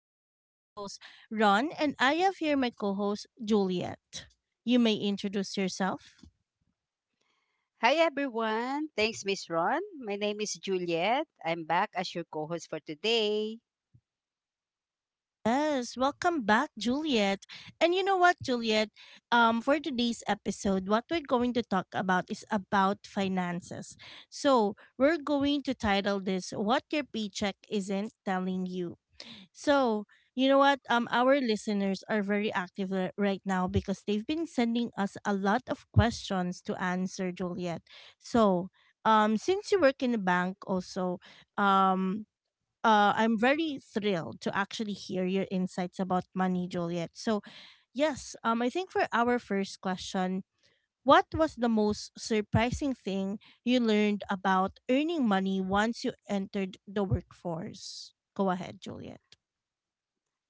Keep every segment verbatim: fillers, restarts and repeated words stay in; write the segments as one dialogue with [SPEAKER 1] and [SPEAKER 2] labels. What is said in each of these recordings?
[SPEAKER 1] This is your host, Ron, and I have here my co host, Juliet. You may introduce yourself.
[SPEAKER 2] Hi everyone. Thanks, Miss Ron. My name is Juliet. I'm back as your co-host for today.
[SPEAKER 1] Yes, welcome back, Juliet. And you know what, Juliet? Um, for today's episode, what we're going to talk about is about finances. So, we're going to title this What Your Paycheck Isn't Telling You. So, you know what? Um, our listeners are very active ri- right now because they've been sending us a lot of questions to answer, Juliet. So, um, since you work in a bank, also, um, uh, I'm very thrilled to actually hear your insights about money, Juliet. So, yes, um, I think for our first question, what was the most surprising thing you learned about earning money once you entered the workforce? Go ahead, Juliet.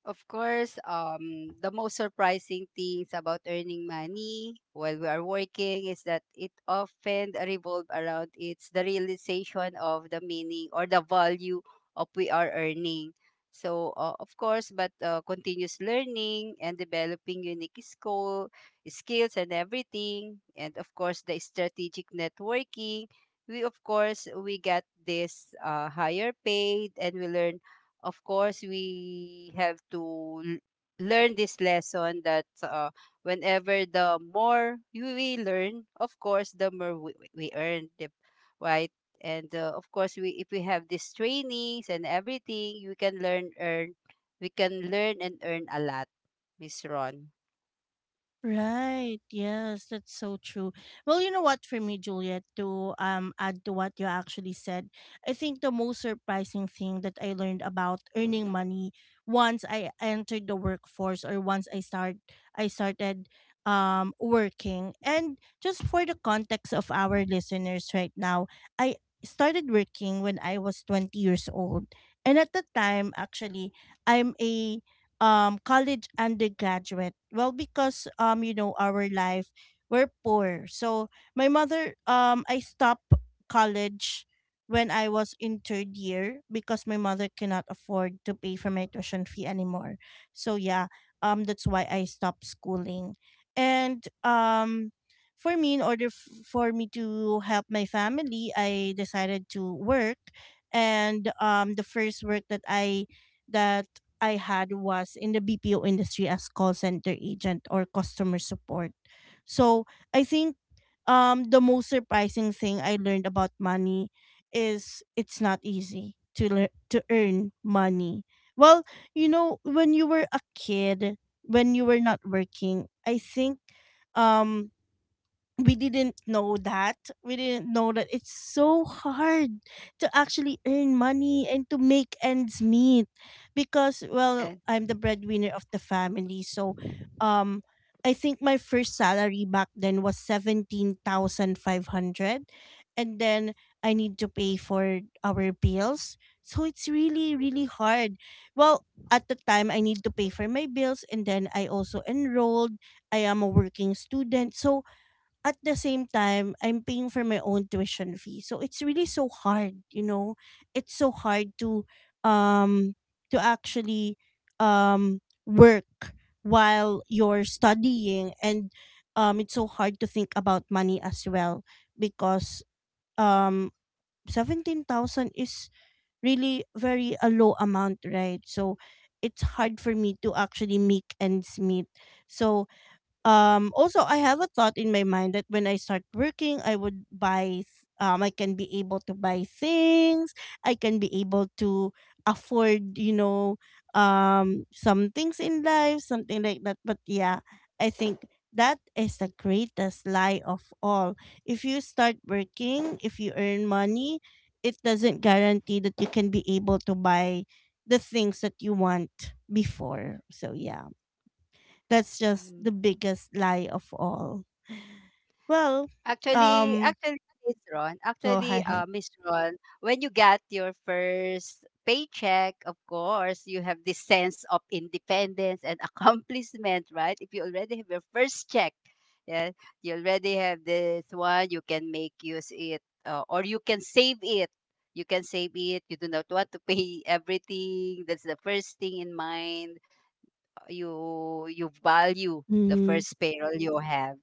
[SPEAKER 2] Of course, um, the most surprising things about earning money while we are working is that it often revolves around it's the realization of the meaning or the value of we are earning. So, uh, of course, but uh, continuous learning and developing unique skill, skills and everything, and of course, the strategic networking. We of course we get this uh, higher paid and we learn of course we have to l- learn this lesson that uh, whenever the more you- we learn of course the more we, we earn the- right and uh, of course we if we have these trainings and everything we can learn earn we can learn and earn a lot, Miss Ron.
[SPEAKER 1] Right. Yes, that's so true. Well, you know what for me, Juliet, to um add to what you actually said, I think the most surprising thing that I learned about earning money once I entered the workforce or once I start I started um working. And just for the context of our listeners right now, I started working when I was twenty years old. And at the time, actually, I'm a um college undergraduate. Well, because um you know, our life, we're poor. So my mother, um I stopped college when I was in third year because my mother cannot afford to pay for my tuition fee anymore. So yeah, um that's why I stopped schooling. And um for me, in order f- for me to help my family, I decided to work. And um the first work that i that I had was in the B P O industry as call center agent or customer support. So I think um, the most surprising thing I learned about money is it's not easy to lear- to earn money. Well, you know, when you were a kid, when you were not working, I think um we didn't know that. We didn't know that it's so hard to actually earn money and to make ends meet, because, well,
[SPEAKER 2] Yeah.
[SPEAKER 1] I'm the breadwinner of the family. So, um I think my first salary back then was seventeen thousand five hundred, and then I need to pay for our bills. So it's really really hard. Well, at the time I need to pay for my bills, and then I also enrolled. I am a working student. So at the same time, I'm paying for my own tuition fee. So it's really so hard, you know. It's so hard to um to actually um work while you're studying. And um it's so hard to think about money as well, because um seventeen thousand is really very a low amount, right? So it's hard for me to actually make ends meet. So um, also, I have a thought in my mind that when I start working, I would buy, th- um, I can be able to buy things. I can be able to afford, you know, um, some things in life, something like that. But yeah, I think that is the greatest lie of all. If you start working, if you earn money, it doesn't guarantee that you can be able to buy the things that you want before. So yeah. That's just the biggest lie of all. Well,
[SPEAKER 2] Actually,
[SPEAKER 1] um,
[SPEAKER 2] actually, Miss Ron,
[SPEAKER 1] go
[SPEAKER 2] actually,
[SPEAKER 1] ahead.
[SPEAKER 2] uh, Miss Ron, when you got your first paycheck, of course, you have this sense of independence and accomplishment, right? If you already have your first check, yeah, you already have this one, you can make use it, uh, or you can save it. You can save it. You do not want to pay everything. That's the first thing in mind. You you value the first payroll you have.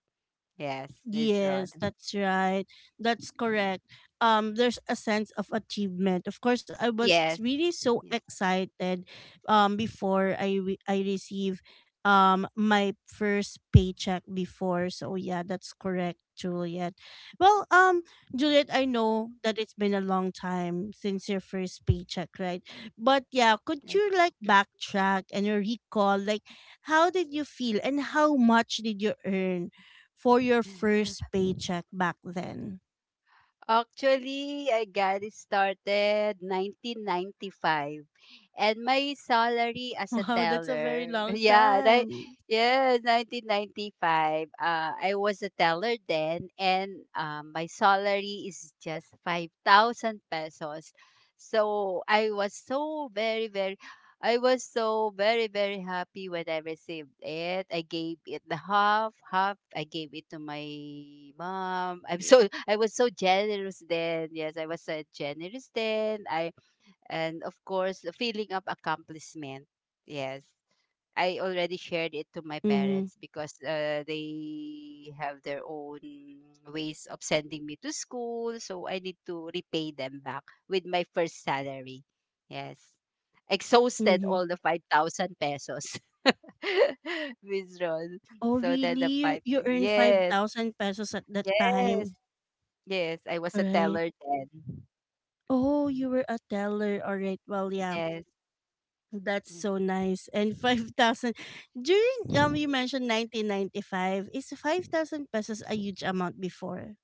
[SPEAKER 2] Yes, Miss Ron.
[SPEAKER 1] Yes, that's right. That's correct. Um, there's a sense of achievement. Of course, I was
[SPEAKER 2] Yes.
[SPEAKER 1] really so
[SPEAKER 2] Yes,
[SPEAKER 1] excited um before I re- I receive um my first paycheck before. So yeah, that's correct, Juliet. Well, um, Juliet, I know that it's been a long time since your first paycheck, right? But yeah, could
[SPEAKER 2] yes.
[SPEAKER 1] you like backtrack and recall like how did you feel and how much did you earn for your first paycheck back then?
[SPEAKER 2] Actually, I got it started nineteen ninety-five and my salary as a
[SPEAKER 1] Wow, that's a very
[SPEAKER 2] teller.
[SPEAKER 1] long
[SPEAKER 2] Yeah, ni-
[SPEAKER 1] time.
[SPEAKER 2] yeah, nineteen ninety-five. Uh I was a teller then and um, my salary is just five thousand pesos. So I was so very very I was so very, very happy when I received it. I gave it the half, half. I gave it to my mom. I'm so I was so generous then. Yes, I was so generous then. I And of course feeling of accomplishment. Yes. I already shared it to my
[SPEAKER 1] Mm-hmm.
[SPEAKER 2] parents because uh, they have their own ways of sending me to school. So I need to repay them back with my first salary. Yes. Exhausted
[SPEAKER 1] Mm-hmm.
[SPEAKER 2] all the five thousand pesos withdrawn.
[SPEAKER 1] Oh,
[SPEAKER 2] So then
[SPEAKER 1] really?
[SPEAKER 2] the
[SPEAKER 1] You,
[SPEAKER 2] five.
[SPEAKER 1] you earned
[SPEAKER 2] Yes.
[SPEAKER 1] five thousand pesos at that
[SPEAKER 2] Yes.
[SPEAKER 1] time,
[SPEAKER 2] Yes. I was a
[SPEAKER 1] right?
[SPEAKER 2] teller then.
[SPEAKER 1] Oh,
[SPEAKER 2] Mm,
[SPEAKER 1] you were a teller. All right. Well, yeah.
[SPEAKER 2] yes.
[SPEAKER 1] That's so nice. And five thousand during um
[SPEAKER 2] Mm.
[SPEAKER 1] you mentioned nineteen ninety-five, is five thousand pesos a huge amount before?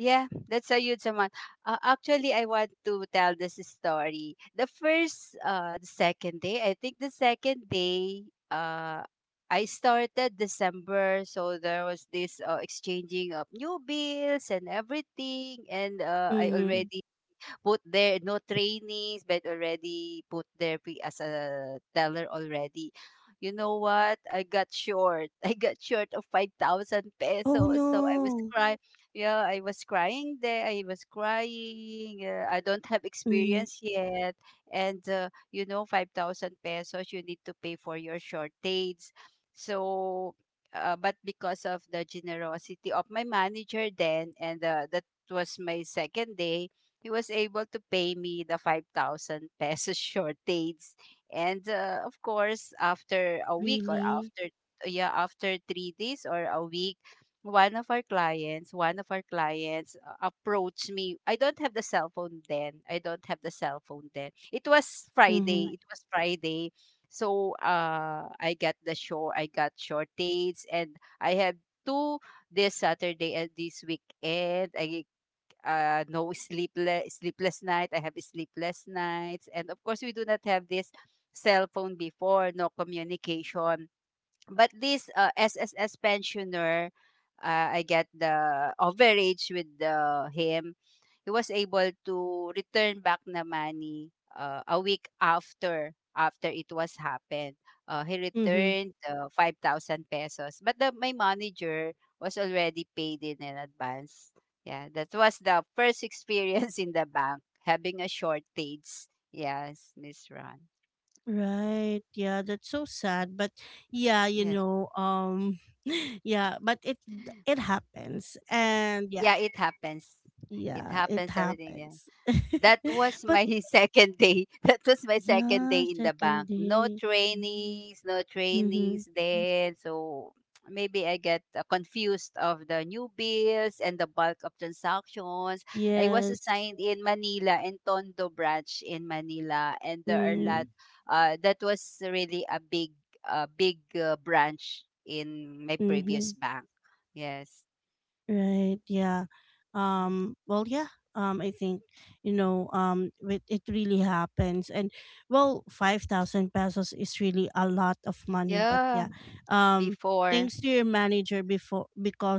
[SPEAKER 2] Yeah, that's a huge amount. Uh, actually, I want to tell this story. The first, uh, the second day, I think the second day, uh, I started December, so there was this uh, exchanging of new bills and everything, and uh, I
[SPEAKER 1] Mm-hmm.
[SPEAKER 2] already put their no trainings, but already put their pre as a teller already. You know what? I got short. I got short of five thousand
[SPEAKER 1] Oh
[SPEAKER 2] pesos. So I was
[SPEAKER 1] no.
[SPEAKER 2] crying. Yeah, I was crying there. I was crying. Uh, I don't have
[SPEAKER 1] Mm-hmm.
[SPEAKER 2] experience yet. And, uh, you know, five thousand pesos you need to pay for your shortage. So, uh, but because of the generosity of my manager then, and uh, that was my second day, he was able to pay me the five thousand pesos shortage. And uh, of course, after a week or
[SPEAKER 1] Really?
[SPEAKER 2] after, yeah, after three days or a week, one of our clients, one of our clients uh, approached me. I don't have the cell phone then. I don't have the cell phone then. It was
[SPEAKER 1] Mm-hmm.
[SPEAKER 2] Friday. It was Friday. So uh, I got the show. I got shortage and I have two this Saturday and this weekend. I like, uh, no sleepless sleepless night. I have sleepless nights, and of course, we do not have this cell phone before. No communication. But this uh, S S S pensioner, uh, I get the overage with the, him. He was able to return back the money uh, a week after after it was happened. Uh, he
[SPEAKER 1] Mm-hmm.
[SPEAKER 2] returned uh, five thousand pesos, but the, my manager was already paid in an advance. Yeah, that was the first experience in the bank having a shortage. Yes, Miss Ron.
[SPEAKER 1] Right. Yeah, that's so sad, but yeah, you
[SPEAKER 2] Yes,
[SPEAKER 1] know, um yeah, but it it happens. And yeah,
[SPEAKER 2] yeah, it happens. It
[SPEAKER 1] yeah, it
[SPEAKER 2] happens. Everything. Yeah.
[SPEAKER 1] happens.
[SPEAKER 2] That was
[SPEAKER 1] But
[SPEAKER 2] my second day. That was my second day
[SPEAKER 1] yeah,
[SPEAKER 2] in the
[SPEAKER 1] second
[SPEAKER 2] bank. No
[SPEAKER 1] day.
[SPEAKER 2] trainees, no
[SPEAKER 1] Mhm.
[SPEAKER 2] trainees then. So maybe I get uh, confused of the new bills and the bulk of transactions. I was
[SPEAKER 1] Yes.
[SPEAKER 2] assigned in Manila in Tondo branch in Manila and there are a
[SPEAKER 1] Mm-hmm.
[SPEAKER 2] lot uh that was really a big uh, big uh, branch in my
[SPEAKER 1] Mm-hmm.
[SPEAKER 2] previous bank. Yes.
[SPEAKER 1] Right. Yeah.
[SPEAKER 2] Mm.
[SPEAKER 1] Um. Well. Yeah. Um. I think you know. Um. It, it really happens, and well, five thousand pesos is really a lot of money. But
[SPEAKER 2] Yeah,
[SPEAKER 1] yeah. Um.
[SPEAKER 2] before.
[SPEAKER 1] Thanks to your manager before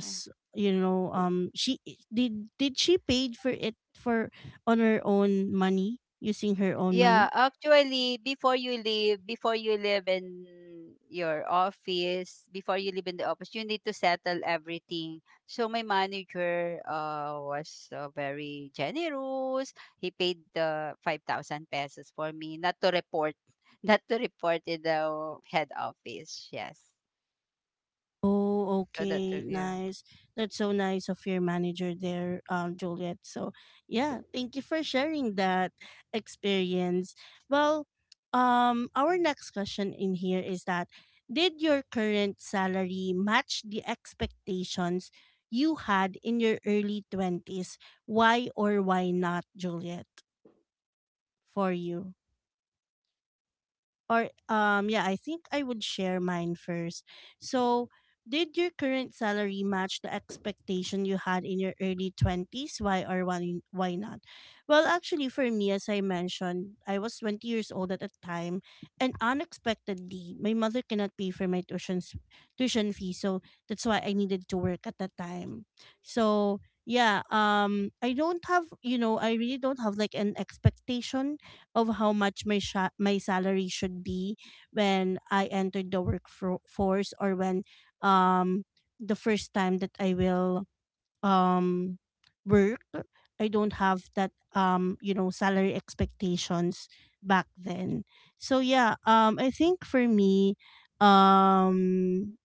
[SPEAKER 2] Yeah.
[SPEAKER 1] you know. Um. She did. Did she paid for it for on her own money, using her own
[SPEAKER 2] Yeah,
[SPEAKER 1] money?
[SPEAKER 2] actually, before you leave, before you live in your office, before you leave in the office, you need to settle everything. So my manager uh, was uh, very generous. He paid the five thousand pesos for me not to report, not to report in the head office. Yes.
[SPEAKER 1] Oh,
[SPEAKER 2] So that, uh,
[SPEAKER 1] okay.
[SPEAKER 2] yeah.
[SPEAKER 1] Nice. That's so nice of your manager there, um, Juliet. So, yeah, thank you for sharing that experience. Well, um, our next question in here is that did your current salary match the expectations you had in your early twenties? Why or why not, Juliet, for you? Or um yeah, I think I would share mine first. So, did your current salary match the expectation you had in your early twenties? Why or why, why not? Well, actually, for me, as I mentioned, I was twenty years old at the time, and unexpectedly my mother cannot pay for my tuition tuition fee. So that's why I needed to work at the time. So yeah, um I don't have, you know, I really don't have like an expectation of how much my sha- my salary should be when I entered the workforce, or when um the first time that I will um work. I don't have that um you know, salary expectations back then. So yeah, um I think for me, um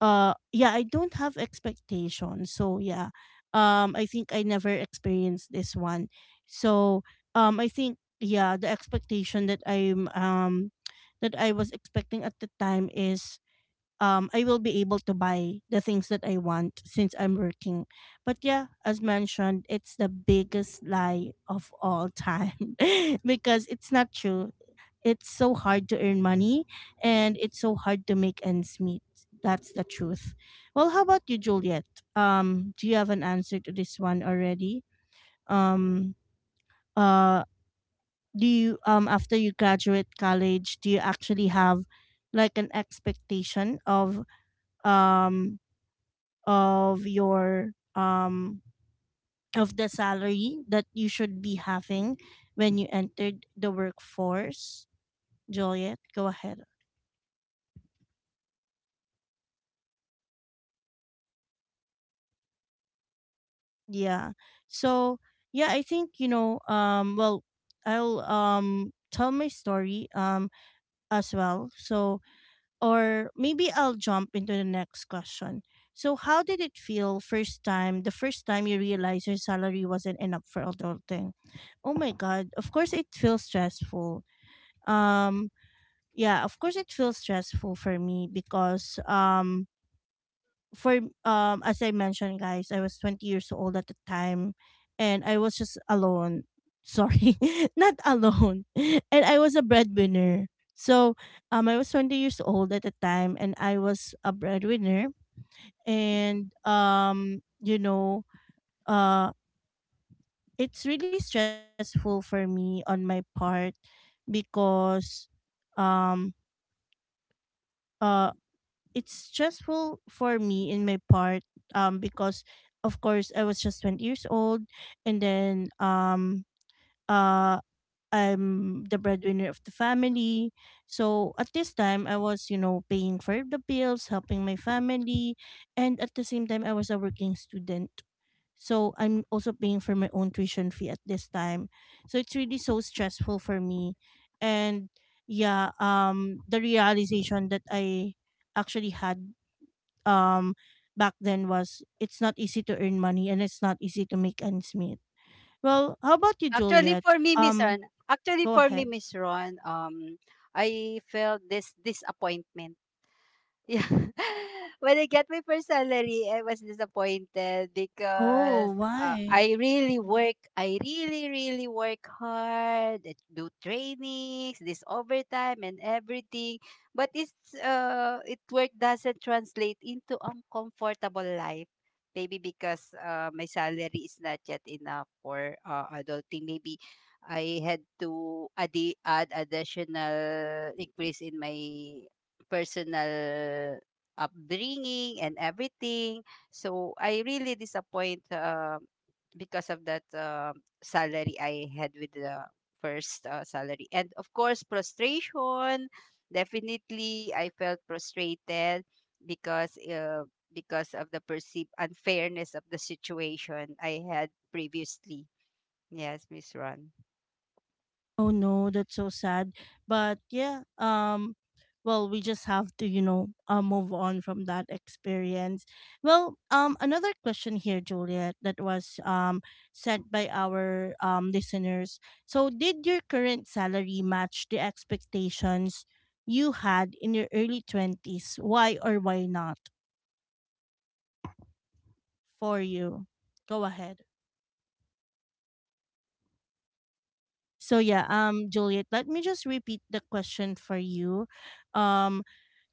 [SPEAKER 1] uh yeah, I don't have expectations. So yeah, um I think I never experienced this one. So um I think yeah, the expectation that I'm um that I was expecting at the time is um I will be able to buy the things that I want since I'm working. But yeah, as mentioned, it's the biggest lie of all time, because it's not true. It's so hard to earn money, and it's so hard to make ends meet. That's the truth. Well, how about you, Juliet? Um, do you have an answer to this one already? Um, uh, do you um after you graduate college, do you actually have like an expectation of um of your um of the salary that you should be having when you entered the workforce? Juliet, go ahead. Yeah. So yeah, I think you know. Um. Well, I'll um tell my story um as well. So or maybe I'll jump into the next question. So how did it feel first time? The first time you realized your salary wasn't enough for adulting. Oh my god! Of course it feels stressful. Um. Yeah. Of course it feels stressful for me because um for um as I mentioned, guys, I was twenty years old at the time, and I was just alone. Sorry, not alone. And I was a breadwinner. So, um I was twenty years old at the time, and I was a breadwinner. And um you know, uh it's really stressful for me on my part, because um uh it's stressful for me in my part, um because of course I was just twenty years old. And then um uh I'm the breadwinner of the family. So at this time I was, you know, paying for the bills, helping my family, and at the same time I was a working student. So I'm also paying for my own tuition fee at this time. So it's really so stressful for me. And yeah, um the realization that I actually had um back then was it's not easy to earn money, and it's not easy to make ends meet. Well, how about you,
[SPEAKER 2] Actually,
[SPEAKER 1] Juliet?
[SPEAKER 2] for me, Miss Ron,
[SPEAKER 1] Um,
[SPEAKER 2] actually
[SPEAKER 1] go
[SPEAKER 2] for me,
[SPEAKER 1] ahead.
[SPEAKER 2] Miss Ron, um, I felt this disappointment. Yeah. When I get my first salary, I was disappointed
[SPEAKER 1] Oh,
[SPEAKER 2] because uh,
[SPEAKER 1] why?
[SPEAKER 2] I really work, I really, really work hard, I do trainings, this overtime and everything. But it's uh, it work doesn't translate into a comfortable life. Maybe because uh, my salary is not yet enough for uh, adulting. Maybe I had to add add additional increase in my personal upbringing and everything. So I really disappoint uh, because of that uh, salary I had with the first uh, salary. And of course, frustration. Definitely, I felt frustrated because uh, because of the perceived unfairness of the situation I had previously. Yes, Miss Ron.
[SPEAKER 1] Oh no, that's so sad. But yeah, um well, we just have to, you know, uh, move on from that experience. Well, um another question here, Juliet, that was um sent by our um listeners. So, did your current salary match the expectations you had in your early twenties? Why or why not for you? Go ahead. So, yeah, um Juliet, let me just repeat the question for you. Um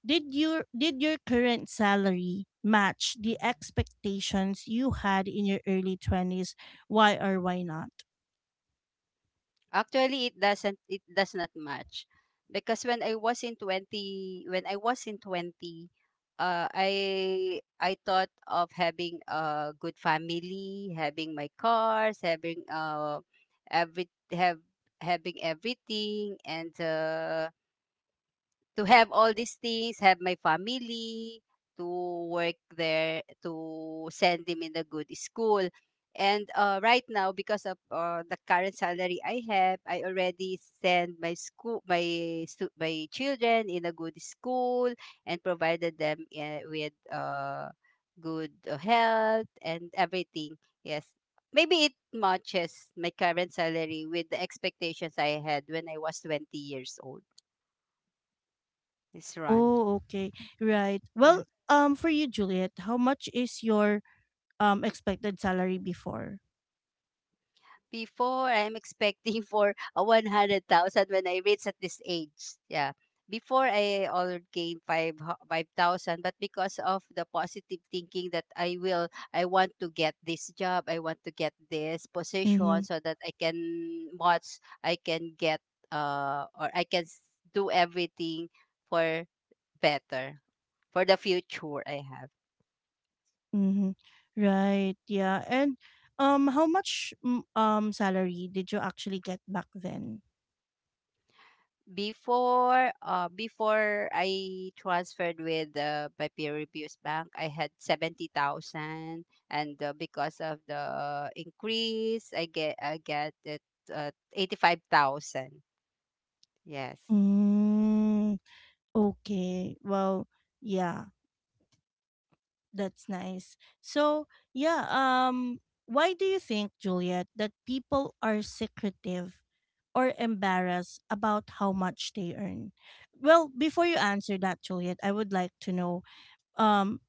[SPEAKER 1] Did your did your current salary match the expectations you had in your early twenties? Why or why not?
[SPEAKER 2] Actually, it doesn't it does not match because when I was in twenty when I was in twenty uh, I I thought of having a good family, having my cars, having uh every have having everything and uh, to have all these things, have my family, to work there, to send them in a good school. And uh, right now, because of uh, the current salary I have, I already send my school, my stu- my children in a good school and provided them uh, with uh, good uh, health and everything. Yes, maybe it matches my current salary with the expectations I had when I was twenty years old. It's run.
[SPEAKER 1] Oh, okay. Right.
[SPEAKER 2] Yeah.
[SPEAKER 1] Well, um for you Juliet, how much is your um expected salary before?
[SPEAKER 2] Before, I'm expecting for a one hundred thousand when I reach at this age. Yeah. Before, I already gained five 5,000, but because of the positive thinking that I will, I want to get this job, I want to get this position
[SPEAKER 1] Mhm.
[SPEAKER 2] so that I can watch, I can get, uh, or I can s- do everything for better, for the future I have.
[SPEAKER 1] Mhm. Right. Yeah. And um how much mm, um salary did you actually get back then?
[SPEAKER 2] Before uh before I transferred with uh, my previous bank, I had seventy thousand and uh, because of the increase, I get I get it uh, eighty-five thousand. Yes.
[SPEAKER 1] Mm, okay. Well, yeah, that's nice. So, yeah, um why do you think, Juliet, that people are secretive or embarrassed about how much they earn? Well, before you answer that, Juliet, I would like to know, um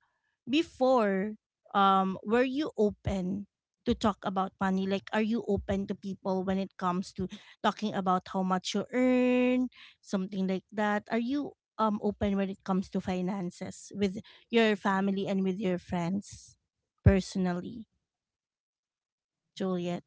[SPEAKER 1] before um were you open to talk about money? Like, are you open to people when it comes to talking about how much you earn, something like that? Are you um open when it comes to finances with your family and with your friends, personally, juliet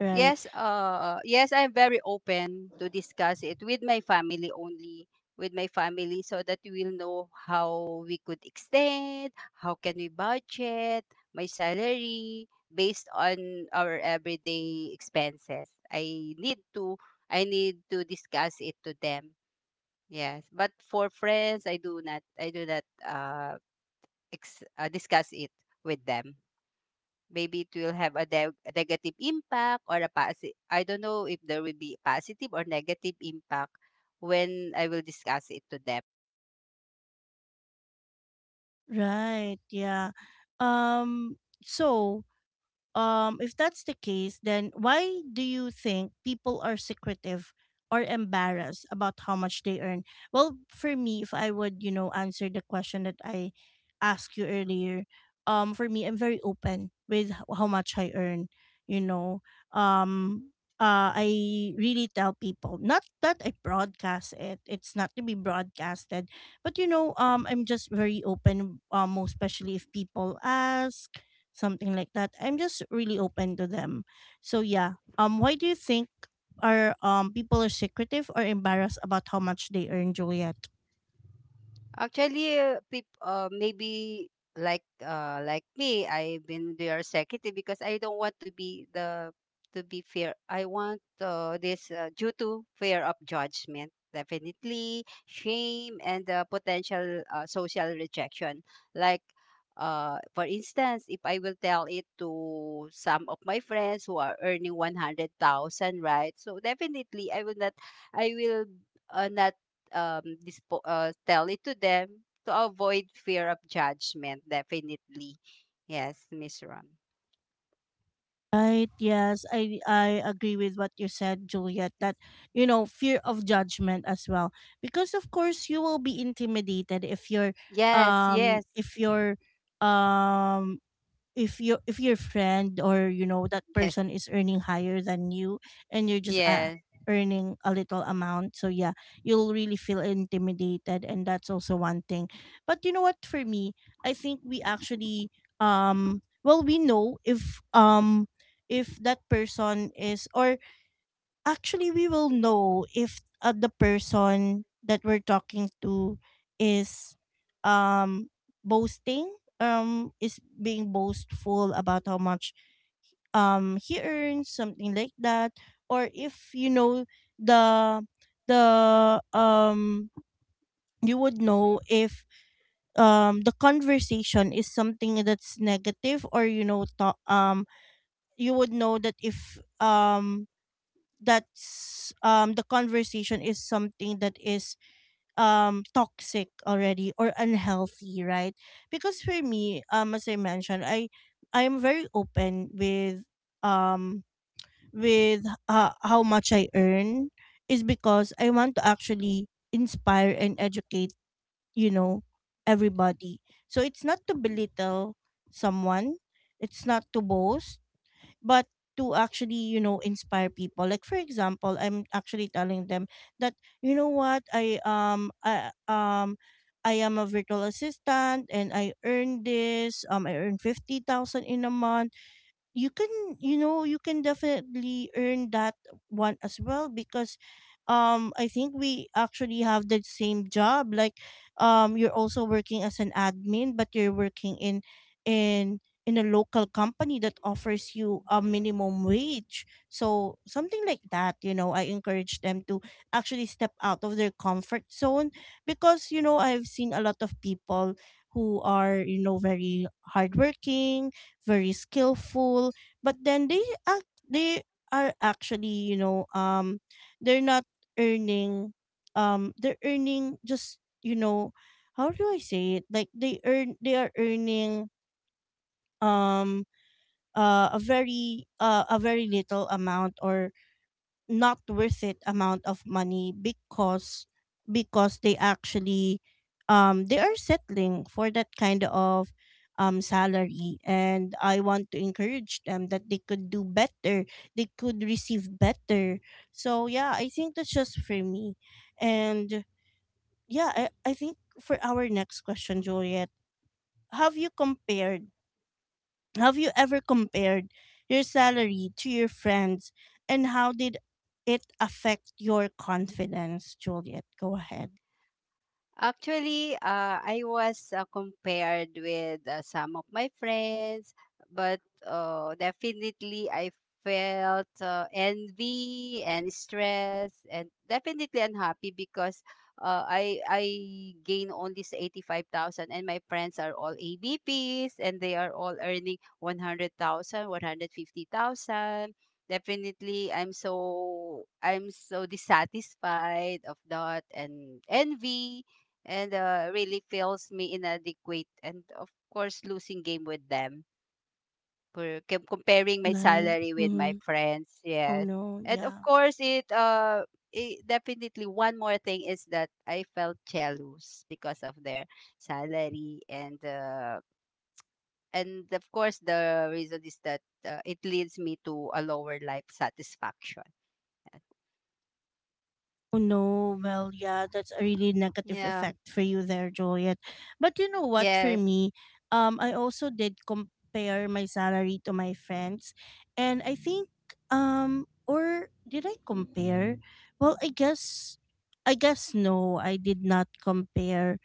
[SPEAKER 1] Right.
[SPEAKER 2] Yes, uh, yes, I'm very open to discuss it with my family only, with my family, so that we'll know how we could extend, how can we budget my salary based on our everyday expenses. I need to, I need to discuss it to them. Yes, but for friends, I do not, I do not uh, ex- uh discuss it with them. Maybe it will have a neg negative impact or a positive. I don't know if there will be positive or negative impact when I will discuss it to them.
[SPEAKER 1] Right, yeah. um so um, if that's the case, then why do you think people are secretive or embarrassed about how much they earn? Well, for me, if I would, you know, answer the question that I asked you earlier, um, for me, I'm very open with h- how much I earn. You know, um, uh, I really tell people, not that I broadcast it; it's not to be broadcasted, but you know, um, I'm just very open. Um, most especially if people ask something like that, I'm just really open to them. So yeah, um, why do you think are um people are secretive or embarrassed about how much they earn, Juliet?
[SPEAKER 2] Actually, uh, peop uh, maybe like uh, like me, I've been their secretary because I don't want to be the to be fair. I want uh, this uh, due to fear of judgment, definitely shame and uh, potential uh, social rejection. Like uh, for instance, if I will tell it to some of my friends who are earning one hundred thousand, right? So definitely, I will not. I will uh, not um, dispo- uh, tell it to them to avoid fear of judgment. Definitely. Yes, Miss Ron.
[SPEAKER 1] Right. Yes, I I agree with what you said, Juliet. That, you know, fear of judgment as well, because of course you will be intimidated if you're,
[SPEAKER 2] Yes. Yes.
[SPEAKER 1] um,
[SPEAKER 2] Yes.
[SPEAKER 1] if you're, um, if you, if your friend or you know, that
[SPEAKER 2] Yes.
[SPEAKER 1] person is earning higher than you, and you're just uh,
[SPEAKER 2] Yes.
[SPEAKER 1] earning a little amount. So yeah, you'll really feel intimidated, and that's also one thing. But you know what, for me, I think we actually, um well, we know if, um if that person is, or actually we will know if, uh, the person that we're talking to is um boasting, um is being boastful about how much um he earns, something like that. Or if you know, the the um you would know if um the conversation is something that's negative, or you know, to- um you would know that if um that's um the conversation is something that is um toxic already or unhealthy, right? Because for me, um as I mentioned, i i am very open with, um with uh, how much I earn, is because I want to actually inspire and educate, you know, everybody. So it's not to belittle someone, it's not to boast, but to actually, you know, inspire people. Like for example, I'm actually telling them that, you know what, i um i um I am a virtual assistant, and I earn this, um I earn fifty thousand in a month. You can, you know, you can definitely earn that one as well, because um I think we actually have the same job. Like, um you're also working as an admin, but you're working in in in a local company that offers you a minimum wage, so something like that. You know, I encourage them to actually step out of their comfort zone, because you know, I've seen a lot of people who are, you know, very hardworking, very skillful, but then they act they are actually, you know, um they're not earning, um they're earning just, you know, how do I say it? Like, they earn they are earning um uh, a very uh, a very little amount, or not worth it amount of money, because because they actually, um they are settling for that kind of um salary, and I want to encourage them that they could do better, they could receive better. So yeah, I think that's just for me. And yeah, i, I think for our next question, Juliet, have you compared have you ever compared your salary to your friends, and how did it affect your confidence, Juliet? Go ahead.
[SPEAKER 2] Actually, uh, I was uh, compared with uh, some of my friends, but uh, definitely I felt uh, envy and stress, and definitely unhappy because uh, I I gain only eighty five thousand, and my friends are all A B Ps, and they are all earning one hundred thousand, one hundred fifty thousand. Definitely, I'm so I'm so dissatisfied of that and envy and uh, really feels me inadequate and of course losing game with them for com- comparing my
[SPEAKER 1] Like,
[SPEAKER 2] salary with my
[SPEAKER 1] mm-hmm.
[SPEAKER 2] friends.
[SPEAKER 1] Oh
[SPEAKER 2] Yes,
[SPEAKER 1] no,
[SPEAKER 2] and of
[SPEAKER 1] yeah.
[SPEAKER 2] course it uh it, definitely one more thing is that I felt jealous because of their salary and uh and of course the reason is that uh, it leads me to a lower life satisfaction.
[SPEAKER 1] Oh no, well, yeah, that's a really negative
[SPEAKER 2] Yeah,
[SPEAKER 1] effect for you there, Juliet. But you know what, for
[SPEAKER 2] yes,
[SPEAKER 1] me, um, I also did compare my salary to my friends. And I think, um, or did I compare? Well, I guess, I guess no, I did not compare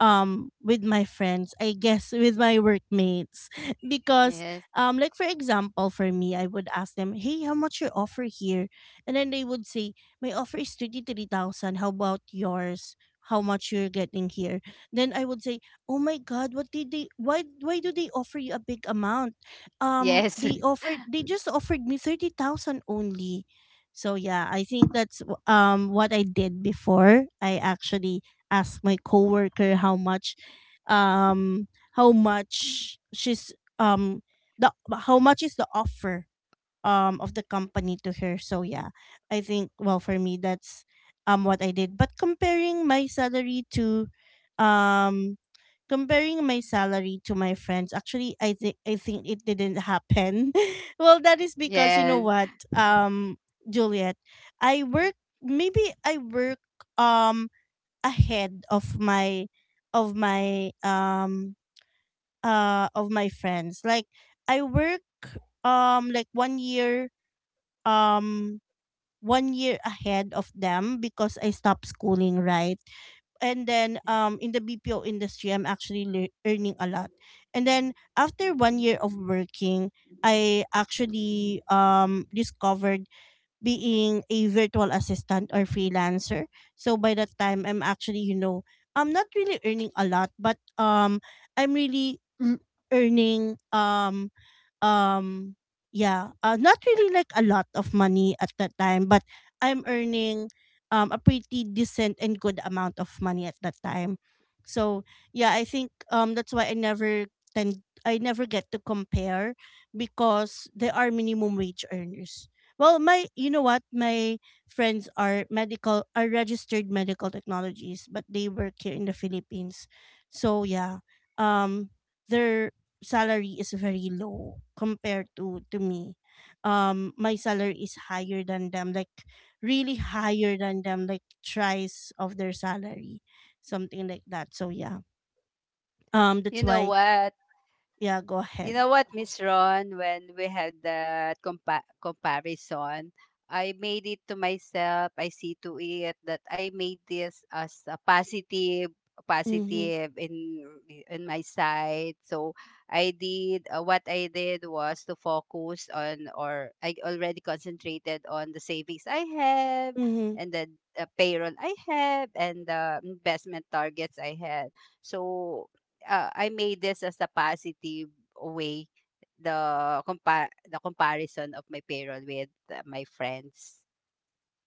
[SPEAKER 1] um with my friends. I guess with my workmates. Because
[SPEAKER 2] yes,
[SPEAKER 1] um like for example, for me, I would ask them, hey, how much your offer here? And then they would say, my offer is thirty-three thousand, how about yours, how much you're getting here? Then I would say, oh my god, what did they why why do they offer you a big amount? um
[SPEAKER 2] yes.
[SPEAKER 1] they offered they just offered me thirty thousand only. So yeah, I think that's w- um what I did before. I actually ask my coworker how much, um how much she's um the how much is the offer um of the company to her. So yeah, I think, well, for me, that's um what I did. But comparing my salary to, um comparing my salary to my friends, actually, i think I think it didn't happen. Well, that is because, you know
[SPEAKER 2] Yes.
[SPEAKER 1] what, um juliet i work maybe I work um ahead of my, of my um uh of my friends. Like I work um like one year um one year ahead of them, because I stopped schooling, right? And then, um in the B P O industry, I'm actually lear- earning a lot. And then after one year of working, I actually um discovered being a virtual assistant or freelancer. So by that time, I'm actually, you know, I'm not really earning a lot, but um I'm really l- earning, um um yeah, uh, not really like a lot of money at that time, but I'm earning um a pretty decent and good amount of money at that time. So yeah, I think um that's why I never tend I never get to compare, because there are minimum wage earners. Well, my you know what? My friends are medical are registered medical technologies, but they work here in the Philippines. So yeah. Um their salary is very low compared to to me. Um my salary is higher than them, like really higher than them, like thrice of their salary. Something like that. So yeah. Um that's
[SPEAKER 2] You know
[SPEAKER 1] why,
[SPEAKER 2] what,
[SPEAKER 1] yeah, go
[SPEAKER 2] you
[SPEAKER 1] ahead.
[SPEAKER 2] know what, Miss Ron, when we had that compa- comparison, I made it to myself. I see to it that I made this as a positive,
[SPEAKER 1] Mhm.
[SPEAKER 2] positive in in my side. So I did uh, what I did was to focus on, or I already concentrated on the savings I have,
[SPEAKER 1] Mhm.
[SPEAKER 2] and then the uh, payroll I have, and the investment targets I had. So uh, I made this as a positive away the compa- the comparison of my payroll with uh, my friends.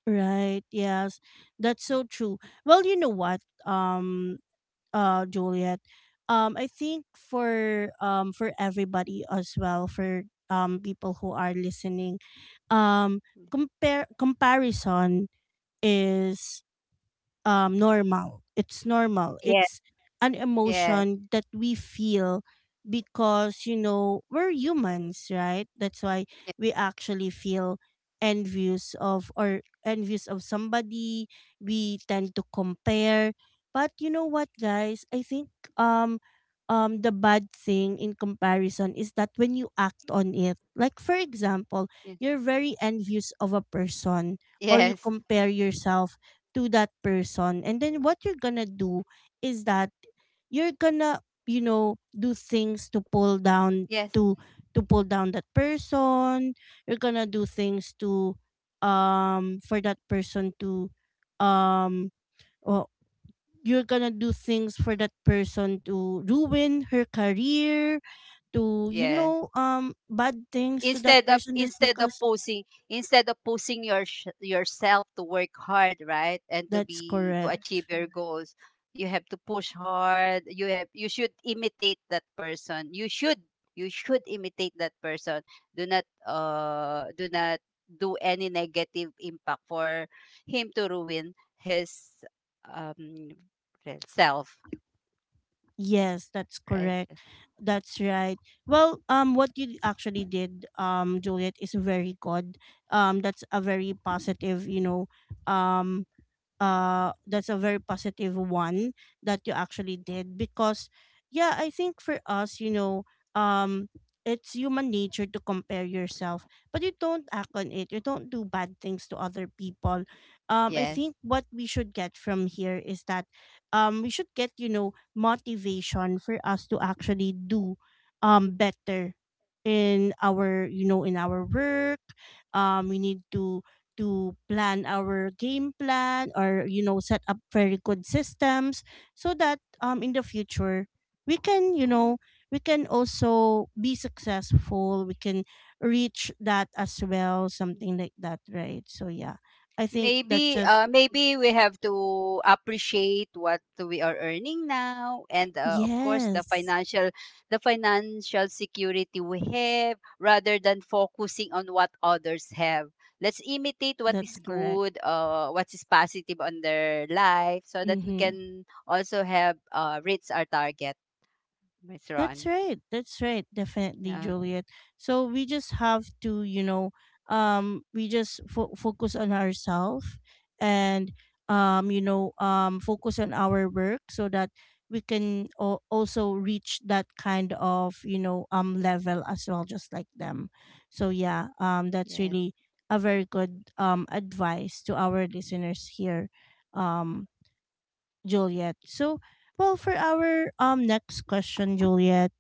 [SPEAKER 1] Right. Yes. That's so true. Well, you know what, um, uh, Juliet, um, I think for, um for everybody as well, for um people who are listening, um, compare comparison is um normal. It's normal.
[SPEAKER 2] Yes,
[SPEAKER 1] It's an
[SPEAKER 2] yes,
[SPEAKER 1] emotion that we feel, because you know, we're humans, right? That's why we actually feel envious of or envious of somebody. We tend to compare. But you know what guys? I think, um um the bad thing in comparison is that when you act on it. Like for example,
[SPEAKER 2] yes,
[SPEAKER 1] you're very envious of a person, or you
[SPEAKER 2] yes, yes,
[SPEAKER 1] compare yourself to that person, and then what you're gonna do is that you're gonna, you know, do things to pull down,
[SPEAKER 2] yes,
[SPEAKER 1] to to pull down that person. You're gonna do things to, um for that person to um well, you're gonna do things for that person to ruin her career, to, you
[SPEAKER 2] yes.
[SPEAKER 1] know, um bad things to that
[SPEAKER 2] instead of
[SPEAKER 1] person, just
[SPEAKER 2] instead of
[SPEAKER 1] because,
[SPEAKER 2] posing instead of posing your yourself to work hard, right, and to
[SPEAKER 1] that's
[SPEAKER 2] be to achieve
[SPEAKER 1] correct.
[SPEAKER 2] your goals, you have to push hard. You have you should imitate that person. You should you should imitate that person. Do not uh do not do any negative impact for him to ruin his um self,
[SPEAKER 1] Yes, that's
[SPEAKER 2] right?
[SPEAKER 1] correct. That's right. Well, um, what you actually did, um, Juliet, is very good. Um, that's a very positive, you know, um, uh that's a very positive one that you actually did. Because yeah, I think for us, you know, um it's human nature to compare yourself, but you don't act on it, you don't do bad things to other people. um I
[SPEAKER 2] Yes.
[SPEAKER 1] think what we should get from here is that, um we should get, you know, motivation for us to actually do um better in our, you know, in our work. Um we need to to plan our game plan, or you know, set up very good systems, so that um in the future, we can, you know, we can also be successful, we can reach that as well, something like that, right? So yeah, I think that's
[SPEAKER 2] Maybe
[SPEAKER 1] just,
[SPEAKER 2] uh maybe we have to appreciate what we are earning now, and uh, of course the
[SPEAKER 1] yes,
[SPEAKER 2] financial, the financial security we have, rather than focusing on what others have. Let's imitate what is
[SPEAKER 1] that's correct.
[SPEAKER 2] good, uh what is positive on their life, so that we
[SPEAKER 1] Mhm.
[SPEAKER 2] can also have uh reach our target, Miss
[SPEAKER 1] That's
[SPEAKER 2] Ron.
[SPEAKER 1] right. That's right. Definitely,
[SPEAKER 2] Yeah.
[SPEAKER 1] Juliet. So we just have to, you know, um, we just fo- focus on ourselves, and, um, you know, um, focus on our work, so that we can al- also reach that kind of, you know, um, level as well, just like them. So yeah, um, that's really a very good um advice to our listeners here. Um, Juliet. So, well, for our um next question, Juliet,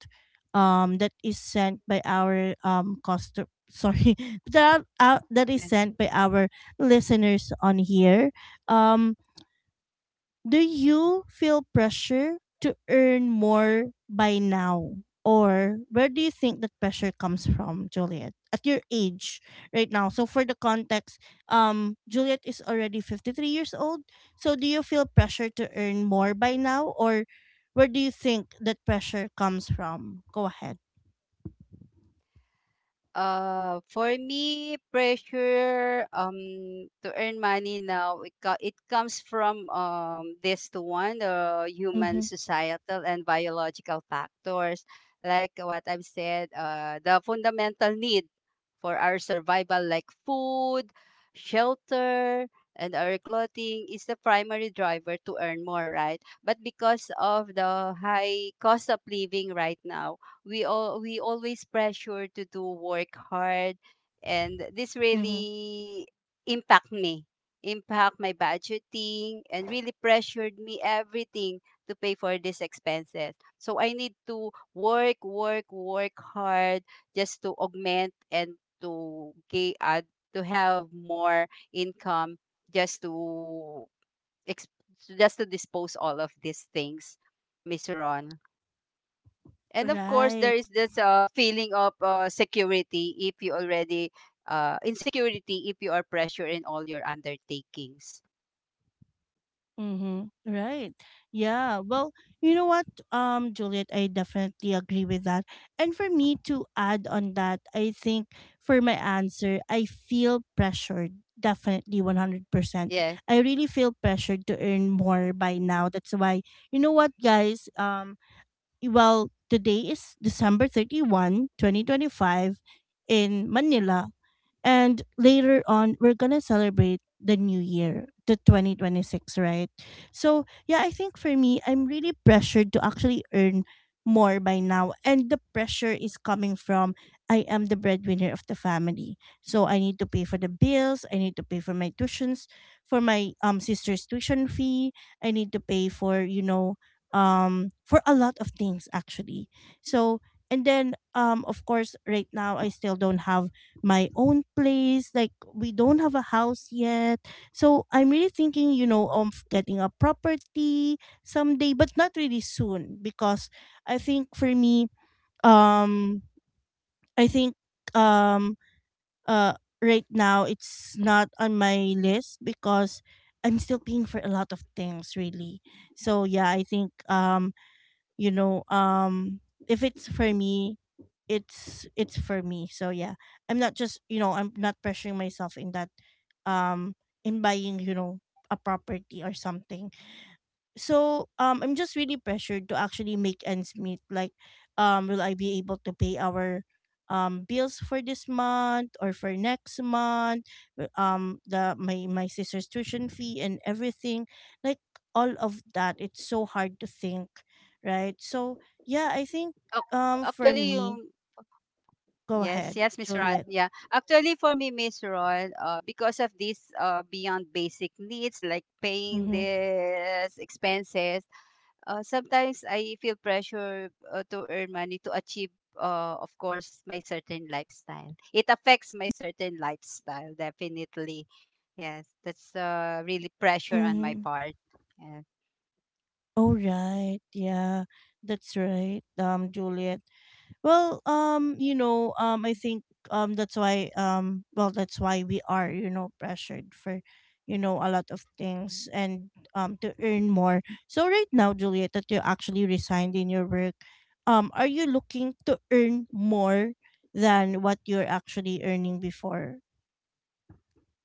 [SPEAKER 1] um, that is sent by our um customer. Sorry, that uh, that is
[SPEAKER 2] Yeah.
[SPEAKER 1] sent by our listeners on here. Um, do you feel pressure to earn more by now? Or where do you think that pressure comes from, Juliet? At your age right now. So for the context, um, Juliet is already fifty-three years old. So do you feel pressure to earn more by now? Or where do you think that pressure comes from? Go ahead.
[SPEAKER 2] Uh, for me, pressure um to earn money now, it co- it comes from um this to one, the human
[SPEAKER 1] Mm-hmm.
[SPEAKER 2] societal and biological factors, like what I've said. Uh the fundamental need for our survival, like food, shelter, and our clothing, is the primary driver to earn more, right? But because of the high cost of living right now, we all we always pressure to do work hard, and this
[SPEAKER 1] Mm-hmm.
[SPEAKER 2] really impact me, impact my budgeting, and really pressured me everything to pay for these expenses. So I need to work, work, work hard just to augment and to get uh, to have more income, just to ex- just to dispose all of these things, Miss Ron. And of course
[SPEAKER 1] Right.
[SPEAKER 2] there is this uh, feeling of uh, security if you already uh, insecurity if you are pressure in all your undertakings.
[SPEAKER 1] Mm-hmm. Right. Yeah. Well, you know what, um, Juliet, I definitely agree with that. And for me to add on that, I think for my answer, I feel pressured. Definitely one hundred percent.
[SPEAKER 2] Yes.
[SPEAKER 1] I really feel pressured to earn more by now. That's why, you know what, guys? Um, well, today is December thirty-first, twenty twenty-five in Manila. And later on, we're going to celebrate the new year, the twenty twenty-six, right? So, yeah, I think for me, I'm really pressured to actually earn more by now. And the pressure is coming from, I am the breadwinner of the family. So, I need to pay for the bills, I need to pay for my tuitions, for my um sister's tuition fee, I need to pay for, you know, um for a lot of things, actually. So, and then, um of course, right now I still don't have my own place, like, we don't have a house yet. So I'm really thinking, you know of getting a property someday, but not really soon because i think for me um I think um uh right now it's not on my list because I'm still paying for a lot of things, really. So yeah, I think um you know um if it's for me, it's it's for me. So yeah, I'm not just you know I'm not pressuring myself in that, um in buying, you know a property or something. So, um I'm just really pressured to actually make ends meet. Like, um, will I be able to pay our um bills for this month or for next month? Uh, Um, the my my sister's tuition fee and everything, like, all of that. It's so hard to think, right? So yeah, I think
[SPEAKER 2] Ac-
[SPEAKER 1] um for
[SPEAKER 2] actually
[SPEAKER 1] me,
[SPEAKER 2] yung.
[SPEAKER 1] go
[SPEAKER 2] Yes,
[SPEAKER 1] ahead,
[SPEAKER 2] yes, Miss Ron.
[SPEAKER 1] Juliet.
[SPEAKER 2] Yeah. Actually, for me, Miss Ron, uh, because of these uh, beyond basic needs like paying
[SPEAKER 1] Mm-hmm.
[SPEAKER 2] this, expenses, Uh, sometimes I feel pressure uh, to earn money to achieve, uh, of course, my certain lifestyle. It affects my certain lifestyle, definitely. Yes, that's uh, really pressure on my
[SPEAKER 1] Mm-hmm.
[SPEAKER 2] part. Yeah.
[SPEAKER 1] Oh right, yeah, that's right. Um, Juliet. Well, um, you know, um, I think um that's why um well that's why we are, you know, pressured for, you know, a lot of things, and um to earn more. So right now, Juliet, that you actually resigned in your work, um, are you looking to earn more than what you're actually earning before?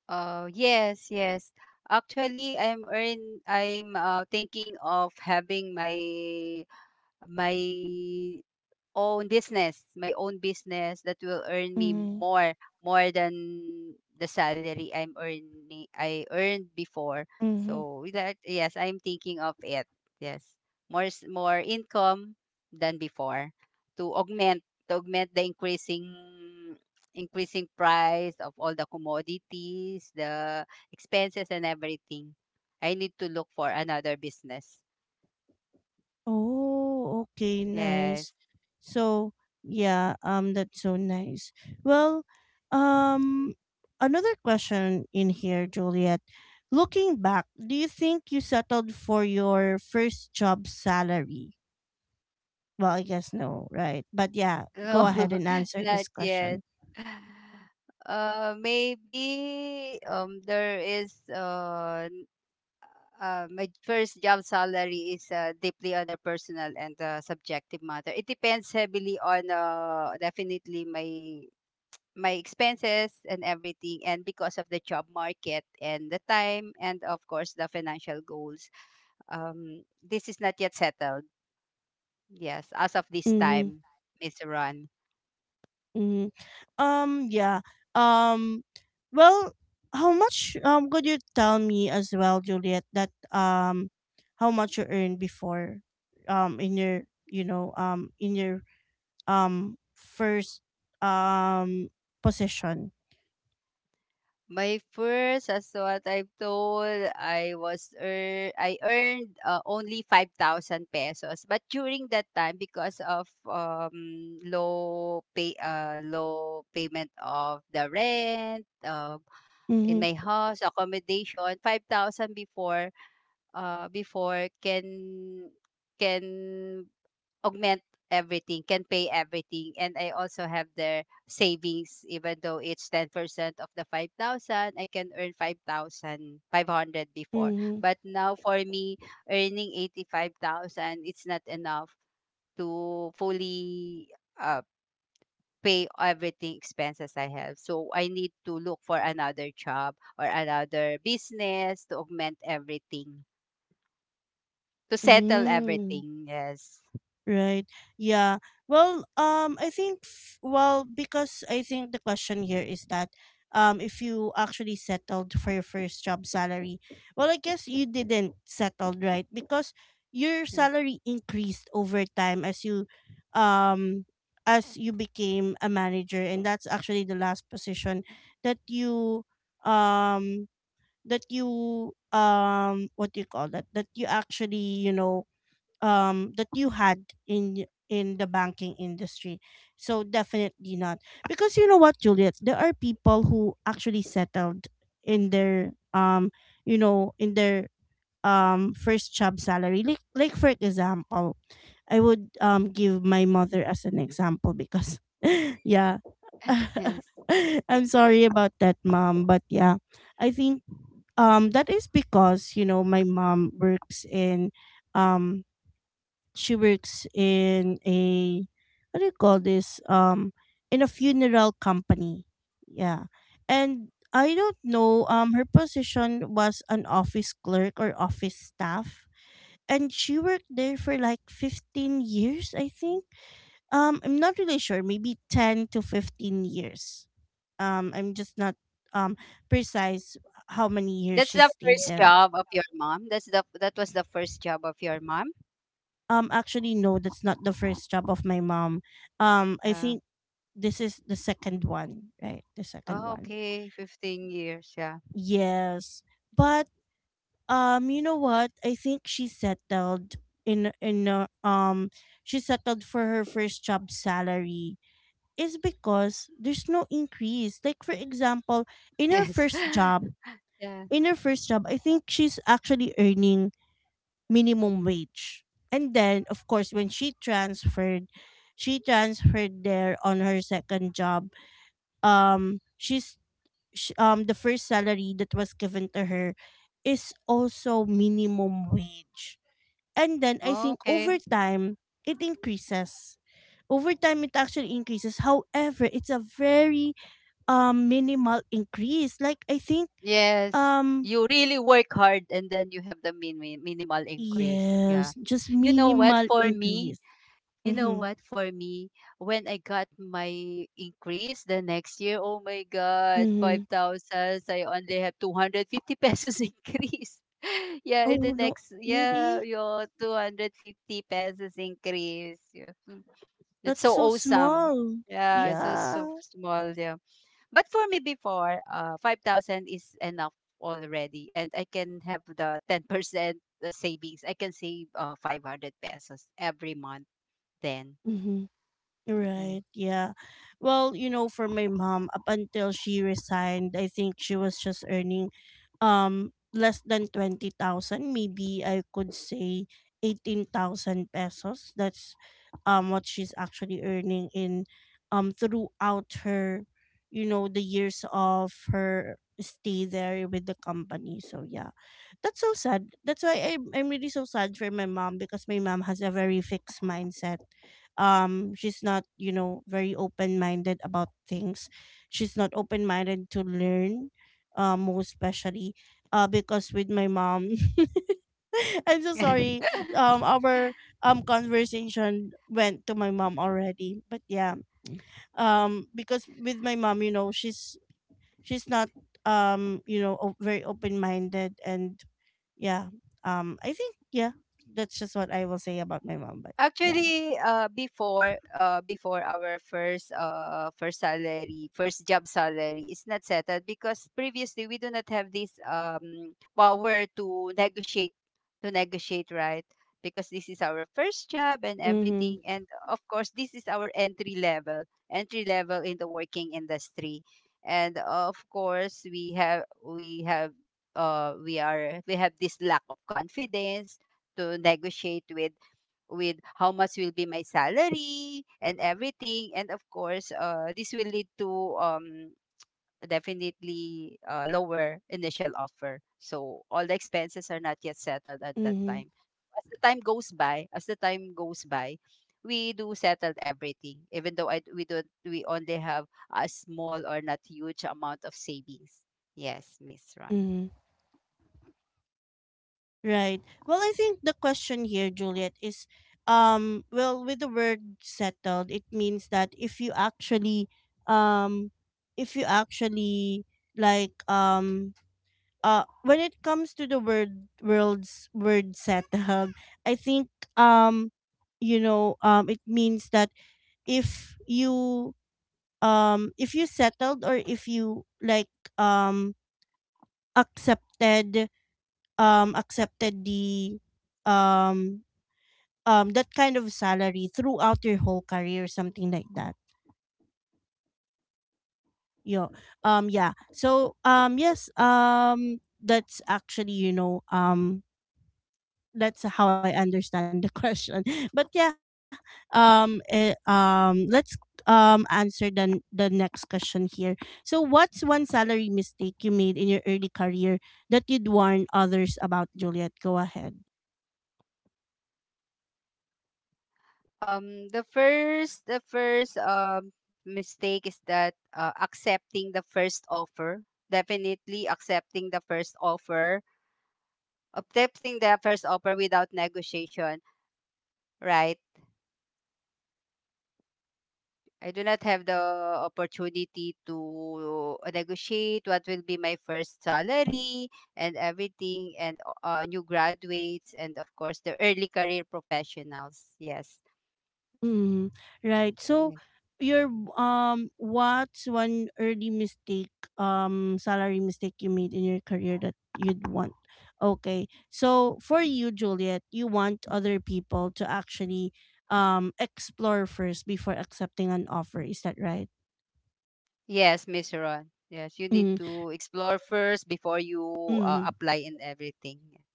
[SPEAKER 2] Uh, yes, yes. Actually, I'm earn. I'm uh, thinking of having my my own business, my own business that will earn me
[SPEAKER 1] Mm-hmm.
[SPEAKER 2] more, more than the salary I'm earning I earned before.
[SPEAKER 1] Mm-hmm.
[SPEAKER 2] So with that, yes, I'm thinking of it. Yes. More s- more income than before, to augment, to augment the increasing, increasing price of all the commodities, the expenses and everything. I need to look for another business.
[SPEAKER 1] Oh, okay, nice.
[SPEAKER 2] Yes.
[SPEAKER 1] So yeah, um, that's so nice. Well, um, another question in here, Juliet. Looking back, do you think you settled for your first job salary? Well, I guess no, right? But yeah,
[SPEAKER 2] No,
[SPEAKER 1] go ahead and answer
[SPEAKER 2] not
[SPEAKER 1] this
[SPEAKER 2] yet.
[SPEAKER 1] question.
[SPEAKER 2] Uh, maybe um there is uh, n- uh my first job salary is uh, deeply on a personal and uh, subjective matter. It depends heavily on uh definitely my my expenses and everything, and because of the job market and the time, and of course the financial goals. Um, this is not yet settled. Yes, as of this
[SPEAKER 1] Mm-hmm.
[SPEAKER 2] time, Miss Ron.
[SPEAKER 1] Mm-hmm. Um, yeah. Um, well, how much um could you tell me as well, Juliet, that um how much you earned before um in your, you know, um in your um first um position?
[SPEAKER 2] My first, as what I've told, I was ear I earned uh, only five thousand pesos. But during that time, because of um, low pay, uh, low payment of the rent uh, in
[SPEAKER 1] Mhm.
[SPEAKER 2] my house accommodation, five thousand before, uh, before can can augment everything, can pay everything. And I also have their savings, even though it's ten percent of the five thousand, I can earn five thousand five hundred before.
[SPEAKER 1] Mhm.
[SPEAKER 2] But now for me, earning eighty-five thousand, it's not enough to fully uh, pay everything expenses I have. So I need to look for another job or another business to augment everything, to settle
[SPEAKER 1] Hmm.
[SPEAKER 2] everything. Yes.
[SPEAKER 1] Right. Yeah. Well, um I think f- well, because I think the question here is that um if you actually settled for your first job salary. Well, I guess you didn't settled, right? Because your
[SPEAKER 2] Yes.
[SPEAKER 1] salary increased over time, as you um as you became a manager, and that's actually the last position that you um that you um what do you call that, that you actually, you know, um that you had in y- in the banking industry. So definitely not. Because you know what, Juliet, there are people who actually settled in their, um you know, in their, um first job salary. Like, like for example, I would um give my mother as an example because yeah.
[SPEAKER 2] Yes.
[SPEAKER 1] I'm sorry about that, mom, but yeah. I think um that is because, you know, my mom works in, um she works in a, what do you call this, um in a funeral company, yeah. And I don't know, um her position was an office clerk or office staff, and she worked there for like fifteen years, I think. um I'm not really sure, maybe ten to fifteen years. um I'm just not um precise how many years
[SPEAKER 2] That's
[SPEAKER 1] she
[SPEAKER 2] the
[SPEAKER 1] stayed
[SPEAKER 2] first
[SPEAKER 1] there.
[SPEAKER 2] job of your mom. That's the that was the first job of your mom.
[SPEAKER 1] Um actually, no, that's not the first job of my mom. um I
[SPEAKER 2] Uh,
[SPEAKER 1] think this is the second one, right? The second
[SPEAKER 2] oh,
[SPEAKER 1] one.
[SPEAKER 2] okay, fifteen years. Yeah.
[SPEAKER 1] Yes. But um you know what? I think she settled in in a- um she settled for her first job salary, is because there's no increase. Like, for example, in her
[SPEAKER 2] Yes.
[SPEAKER 1] first job,
[SPEAKER 2] Yeah.
[SPEAKER 1] in her first job, I think she's actually earning minimum wage. And then, of course, when she transferred, she transferred there on her second job, um she's sh- um the first salary that was given to her is also minimum wage. And then I think
[SPEAKER 2] Okay.
[SPEAKER 1] over time it increases. Over time it actually increases. However, it's a very um minimal increase. Like, I think
[SPEAKER 2] Yes.
[SPEAKER 1] um
[SPEAKER 2] You really work hard, and then you have the min- min- minimal increase. Yeah.
[SPEAKER 1] yes, just
[SPEAKER 2] You know what?
[SPEAKER 1] minimal
[SPEAKER 2] For me,
[SPEAKER 1] increase.
[SPEAKER 2] you know
[SPEAKER 1] Mhm.
[SPEAKER 2] what? For me, when I got my increase the next year, oh my God,
[SPEAKER 1] Mhm.
[SPEAKER 2] five thousand. I only have two hundred fifty pesos increase. Yeah, in
[SPEAKER 1] Oh
[SPEAKER 2] the
[SPEAKER 1] no,
[SPEAKER 2] next, yeah,
[SPEAKER 1] really?
[SPEAKER 2] your two hundred fifty pesos increase. Yeah. Mm. That's
[SPEAKER 1] That's
[SPEAKER 2] so
[SPEAKER 1] so
[SPEAKER 2] awesome.
[SPEAKER 1] small.
[SPEAKER 2] Yeah, it's so,
[SPEAKER 1] Yeah.
[SPEAKER 2] so small. Yeah. But for me before, uh, five thousand is enough already. And I can have the ten percent savings. I can save uh, five hundred pesos every month then.
[SPEAKER 1] Mhm.
[SPEAKER 2] Yeah.
[SPEAKER 1] Right. Yeah. Well, you know, for my mom, up until she resigned, I think she was just earning um less than twenty thousand, maybe I could say eighteen thousand pesos. That's um what she's actually earning in um throughout her, you know, the years of her stay there with the company. So, yeah. That's so sad. That's why I'm, I'm really so sad for my mom because my mom has a very fixed mindset. Um she's not, you know, very open-minded about things. She's not open-minded to learn, uh, most especially uh because with my mom I'm so sorry. Um our um conversation went to my mom already, but yeah. Um because with my mom, you know, she's she's not, um you know, o- very open minded and yeah, um I think, yeah, that's just what I will say about my mom but yeah.
[SPEAKER 2] Actually, uh, before uh, before our first uh first salary, first job salary is not settled because previously we do not have this um power to negotiate, to negotiate, right? Because this is our first job and
[SPEAKER 1] Mm-hmm.
[SPEAKER 2] everything, and of course this is our entry level, entry level in the working industry, and of course we have we have uh we are we have this lack of confidence to negotiate with with how much will be my salary and everything. And of course uh, this will lead to um, definitely uh, lower initial offer, so all the expenses are not yet settled at that
[SPEAKER 1] Mm-hmm.
[SPEAKER 2] time. As the time goes by, as the time goes by, we do settle everything, even though I, we don't, we only have a small or not huge amount of savings. Yes, Miss Ron.
[SPEAKER 1] Mm-hmm. Right. Well, I think the question here, Juliet, is um well, with the word settled, it means that if you actually um if you actually, like, um uh when it comes to the word world's word settled, I think, um you know, um it means that if you, um if you settled, or if you, like, um accepted, um accepted the um um that kind of salary throughout your whole career, something like that. Yo, um yeah. So, um yes, um that's actually, you know, um that's how I understand the question. But yeah, um eh, um let's um answer the n- the next question here. So what's one salary mistake you made in your early career that you'd warn others about, Juliet? Go ahead.
[SPEAKER 2] Um, the first, the first um mistake is that uh, accepting the first offer. Definitely accepting the first offer, accepting the first offer without negotiation. Right. I do not have the opportunity to negotiate what will be my first salary and everything, and uh, new graduates, and of course the early career professionals. Yes.
[SPEAKER 1] Mm, right. So
[SPEAKER 2] Yes.
[SPEAKER 1] your um what's one early mistake, um salary mistake you made in your career that you'd want? Okay. So for you, Juliet, you want other people to actually um explore first before accepting an offer, is that right?
[SPEAKER 2] Yes, Miss Ron. Yes, you need
[SPEAKER 1] Mm.
[SPEAKER 2] to explore first before you uh,
[SPEAKER 1] Hmm.
[SPEAKER 2] apply and everything.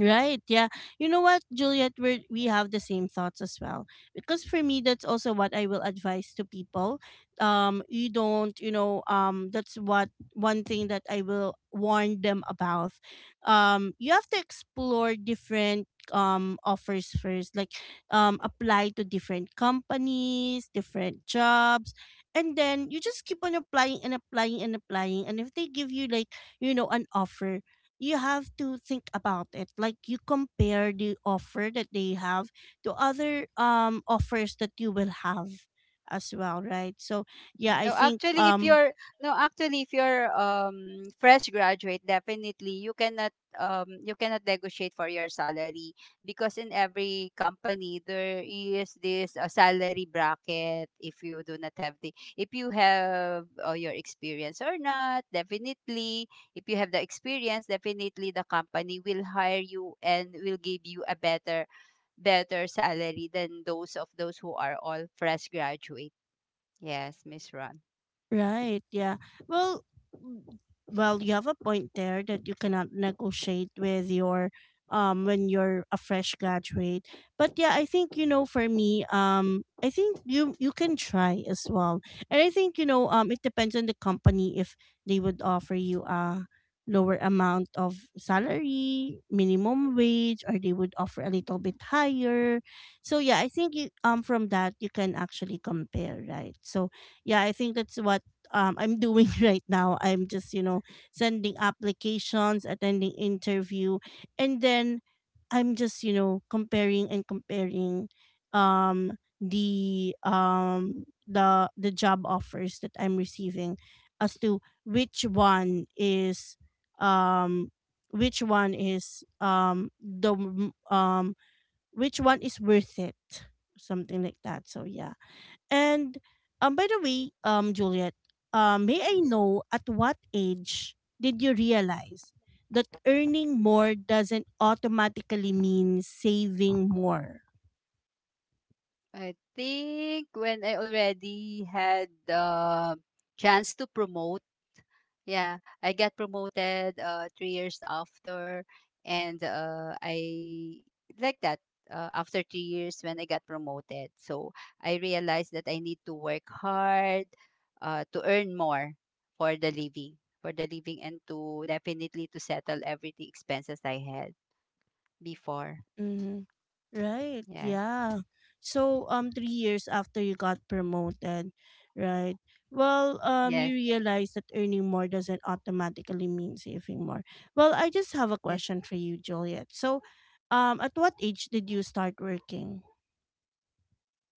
[SPEAKER 1] Right. Yeah. You know what, Juliet, we we have the same thoughts as well. Because for me, that's also what I will advise to people. Um you don't, you know, um that's what one thing that I will warn them about. Um you have to explore different um offers first, like um apply to different companies, different jobs, and then you just keep on applying and applying and applying, and if they give you, like, you know, an offer, you have to think about it. Like, you compare the offer that they have to other, um offers that you will have as well, right? So yeah, I
[SPEAKER 2] No,
[SPEAKER 1] think
[SPEAKER 2] actually, if
[SPEAKER 1] um
[SPEAKER 2] you're no, actually, if you're um fresh graduate, definitely you cannot um you cannot negotiate for your salary, because in every company there is this uh, salary bracket. If you do not have the if you have uh, your experience or not, definitely if you have the experience, definitely the company will hire you and will give you a better, better salary than those of those who are all fresh graduate. Yes, Miss Ron.
[SPEAKER 1] right. Yeah. Well, w- well, you have a point there that you cannot negotiate with your um when you're a fresh graduate. But yeah, I think you know, for me, um I think you you can try as well. And I think, you know, um it depends on the company if they would offer you a lower amount of salary, minimum wage, or they would offer a little bit higher. So yeah, I think you um from that you can actually compare, right? So yeah, I think that's what, um, I'm doing right now. I'm just, you know, sending applications, attending interview, and then I'm just, you know, comparing and comparing um the um the the job offers that I'm receiving as to which one is um which one is um the m- um which one is worth it, something like that. So yeah. And, um, by the way, um, Juliet, um, may I know at what age did you realize that earning more doesn't automatically mean saving more?
[SPEAKER 2] I think when I already had the chance to promote, yeah, I got promoted uh, three years after, and uh, I like that. Uh, after three years, when I got promoted, so I realized that I need to work hard uh, to earn more for the living, for the living, and to definitely to settle everything expenses I had before.
[SPEAKER 1] Mm-hmm. Right,
[SPEAKER 2] Yes,
[SPEAKER 1] yeah. So um three years after you got promoted, right? Well, um
[SPEAKER 2] yes,
[SPEAKER 1] you realize that earning more doesn't automatically mean saving more. Well, I just have a
[SPEAKER 2] yes.
[SPEAKER 1] question for you, Juliet. So um at what age did you start working?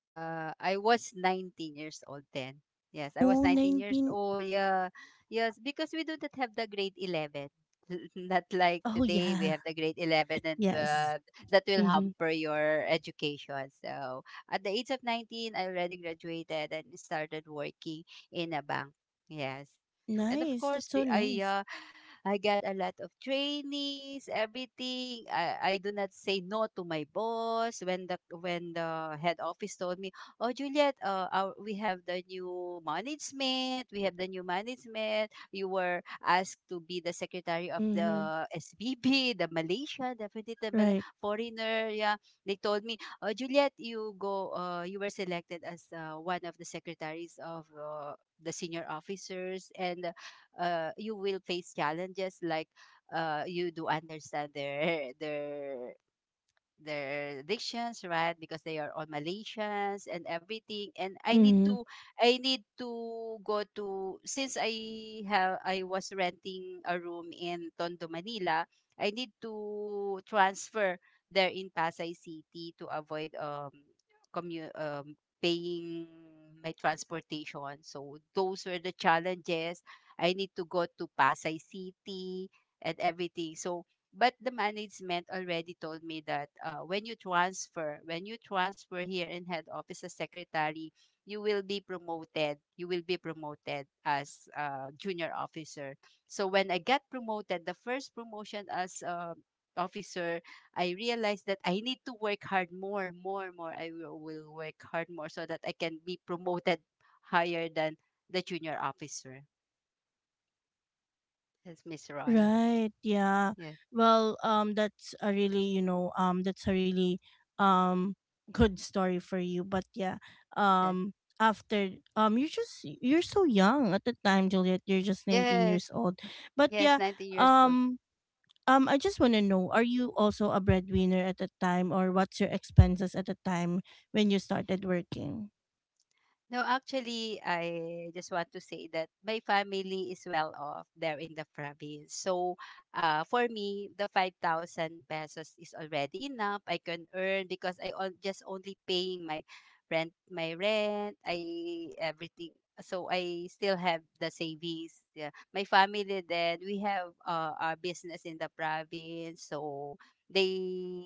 [SPEAKER 2] Uh, I was nineteen years old then. Yes, I was
[SPEAKER 1] Oh,
[SPEAKER 2] nineteen years
[SPEAKER 1] nineteen.
[SPEAKER 2] old. Yeah. Yes, because we do not have the grade eleven. Not like
[SPEAKER 1] Oh
[SPEAKER 2] today we
[SPEAKER 1] yeah.
[SPEAKER 2] have the grade 11 and
[SPEAKER 1] Yes.
[SPEAKER 2] 12 that will
[SPEAKER 1] Mhm.
[SPEAKER 2] hamper your education. So, at the age of nineteen, I already graduated and started working in a bank. Yes. And of
[SPEAKER 1] Nice.
[SPEAKER 2] course,
[SPEAKER 1] That's so
[SPEAKER 2] be- I
[SPEAKER 1] nice.
[SPEAKER 2] uh, I got a lot of trainings, everything. I, I do not say no to my boss when the when the head office told me, "Oh, Juliet, uh, our, we have the new management. We have the new management. You were asked to be the secretary of
[SPEAKER 1] Mhm.
[SPEAKER 2] the S B B, the Malaysia, definitely the Mal-
[SPEAKER 1] Right.
[SPEAKER 2] foreigner." Yeah, they told me, "Oh, Juliet, you go. Uh, you were selected as uh, one of the secretaries of." Uh, the senior officers, and uh, you will face challenges like uh, you do understand their their their dictions, right? Because they are all Malaysians and everything. And I need
[SPEAKER 1] Mhm.
[SPEAKER 2] to, I need to go to, since I have, I was renting a room in Tondo, Manila. I need to transfer there in Pasay City to avoid um commu- um paying my transportation. So those were the challenges. I need to go to Pasay City and everything. So but the management already told me that uh, when you transfer, when you transfer here in head office as secretary, you will be promoted. You will be promoted as uh, junior officer. So when I got promoted, the first promotion as uh, officer, I realized that I need to work hard more, more, more. I will will work hard more so that I can be promoted higher than the junior officer. Yes, Miss Ron.
[SPEAKER 1] Right. Yeah.
[SPEAKER 2] Yes,
[SPEAKER 1] Well, um, that's a really, you know, um, that's a really, um, good story for you. But yeah,
[SPEAKER 2] yes,
[SPEAKER 1] um, after, um, you're just you're so young at the time, Juliet. You're just nineteen years
[SPEAKER 2] yes,
[SPEAKER 1] old. But
[SPEAKER 2] yes.
[SPEAKER 1] yeah,
[SPEAKER 2] nineteen years old.
[SPEAKER 1] um, um, I just want to know: are you also a breadwinner at the time, or what's your expenses at the time when you started working?
[SPEAKER 2] No, actually, I just want to say that my family is well off there in the province. So, uh, for me, the five thousand pesos is already enough. I can earn because I on, just only paying my rent, my rent, I everything. So I still have the savings. Yeah. My family then we have uh, our business in the province. So they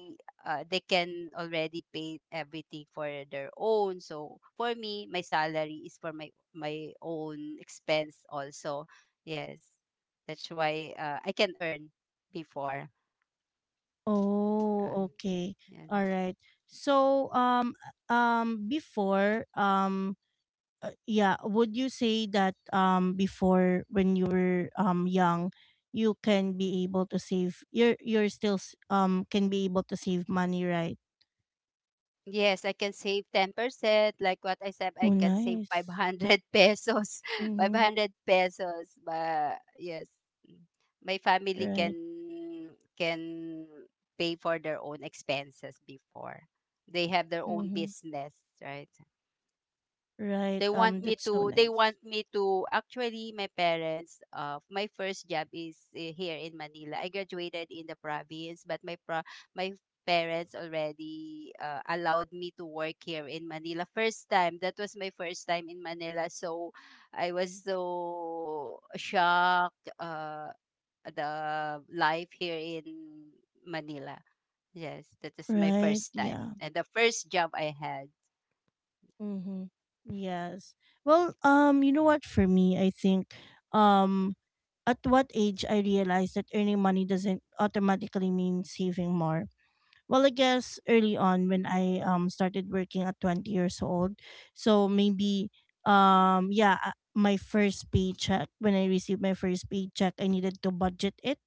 [SPEAKER 2] uh, they can already pay everything for their own. So for me, my salary is for my my own expense also. Yes, that's why uh, I can earn before.
[SPEAKER 1] Oh,
[SPEAKER 2] Um,
[SPEAKER 1] okay.
[SPEAKER 2] Yes.
[SPEAKER 1] All right. So, um, um, before, um uh, yeah, would you say that um before when you were um young, you can be able to save, you're you're still s- um can be able to save money, right?
[SPEAKER 2] Yes, I can save ten percent. Like what I said, I
[SPEAKER 1] Oh
[SPEAKER 2] can save
[SPEAKER 1] nice.
[SPEAKER 2] five hundred pesos.
[SPEAKER 1] Mm-hmm.
[SPEAKER 2] five hundred pesos. But yes, mm, my family
[SPEAKER 1] Right.
[SPEAKER 2] can can pay for their own expenses before. They have their own
[SPEAKER 1] Mm-hmm.
[SPEAKER 2] business, right?
[SPEAKER 1] Right.
[SPEAKER 2] They
[SPEAKER 1] Um
[SPEAKER 2] want me
[SPEAKER 1] that's so
[SPEAKER 2] to they
[SPEAKER 1] nice.
[SPEAKER 2] want me to actually, my parents, uh my first job is uh, here in Manila. I graduated in the province, but my pro- my parents already uh, allowed me to work here in Manila first time. That was my first time in Manila, so I was so shocked uh the life here in Manila. Yes, that is my
[SPEAKER 1] Right.
[SPEAKER 2] first time
[SPEAKER 1] Yeah.
[SPEAKER 2] and the first job I had.
[SPEAKER 1] Mm-hmm. yes well um you know what, for me, I think, um at what age I realized that earning money doesn't automatically mean saving more. Well, I guess early on when I um started working at twenty years old. So maybe, um yeah uh, my first paycheck, when I received my first paycheck, I needed to budget it,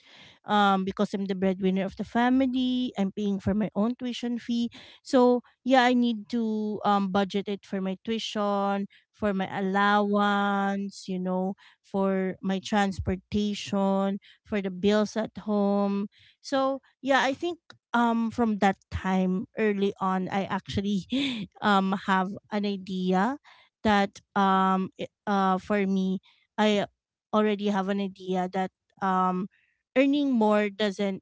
[SPEAKER 1] um because I'm the breadwinner of the family. I'm paying for my own tuition fee. So yeah, I need to um budget it for my tuition, for my allowance, you know for my transportation, for the bills at home. So yeah, I think um from that time early on I actually um have an idea that um i- uh for me, I already have an idea that, um earning more doesn't,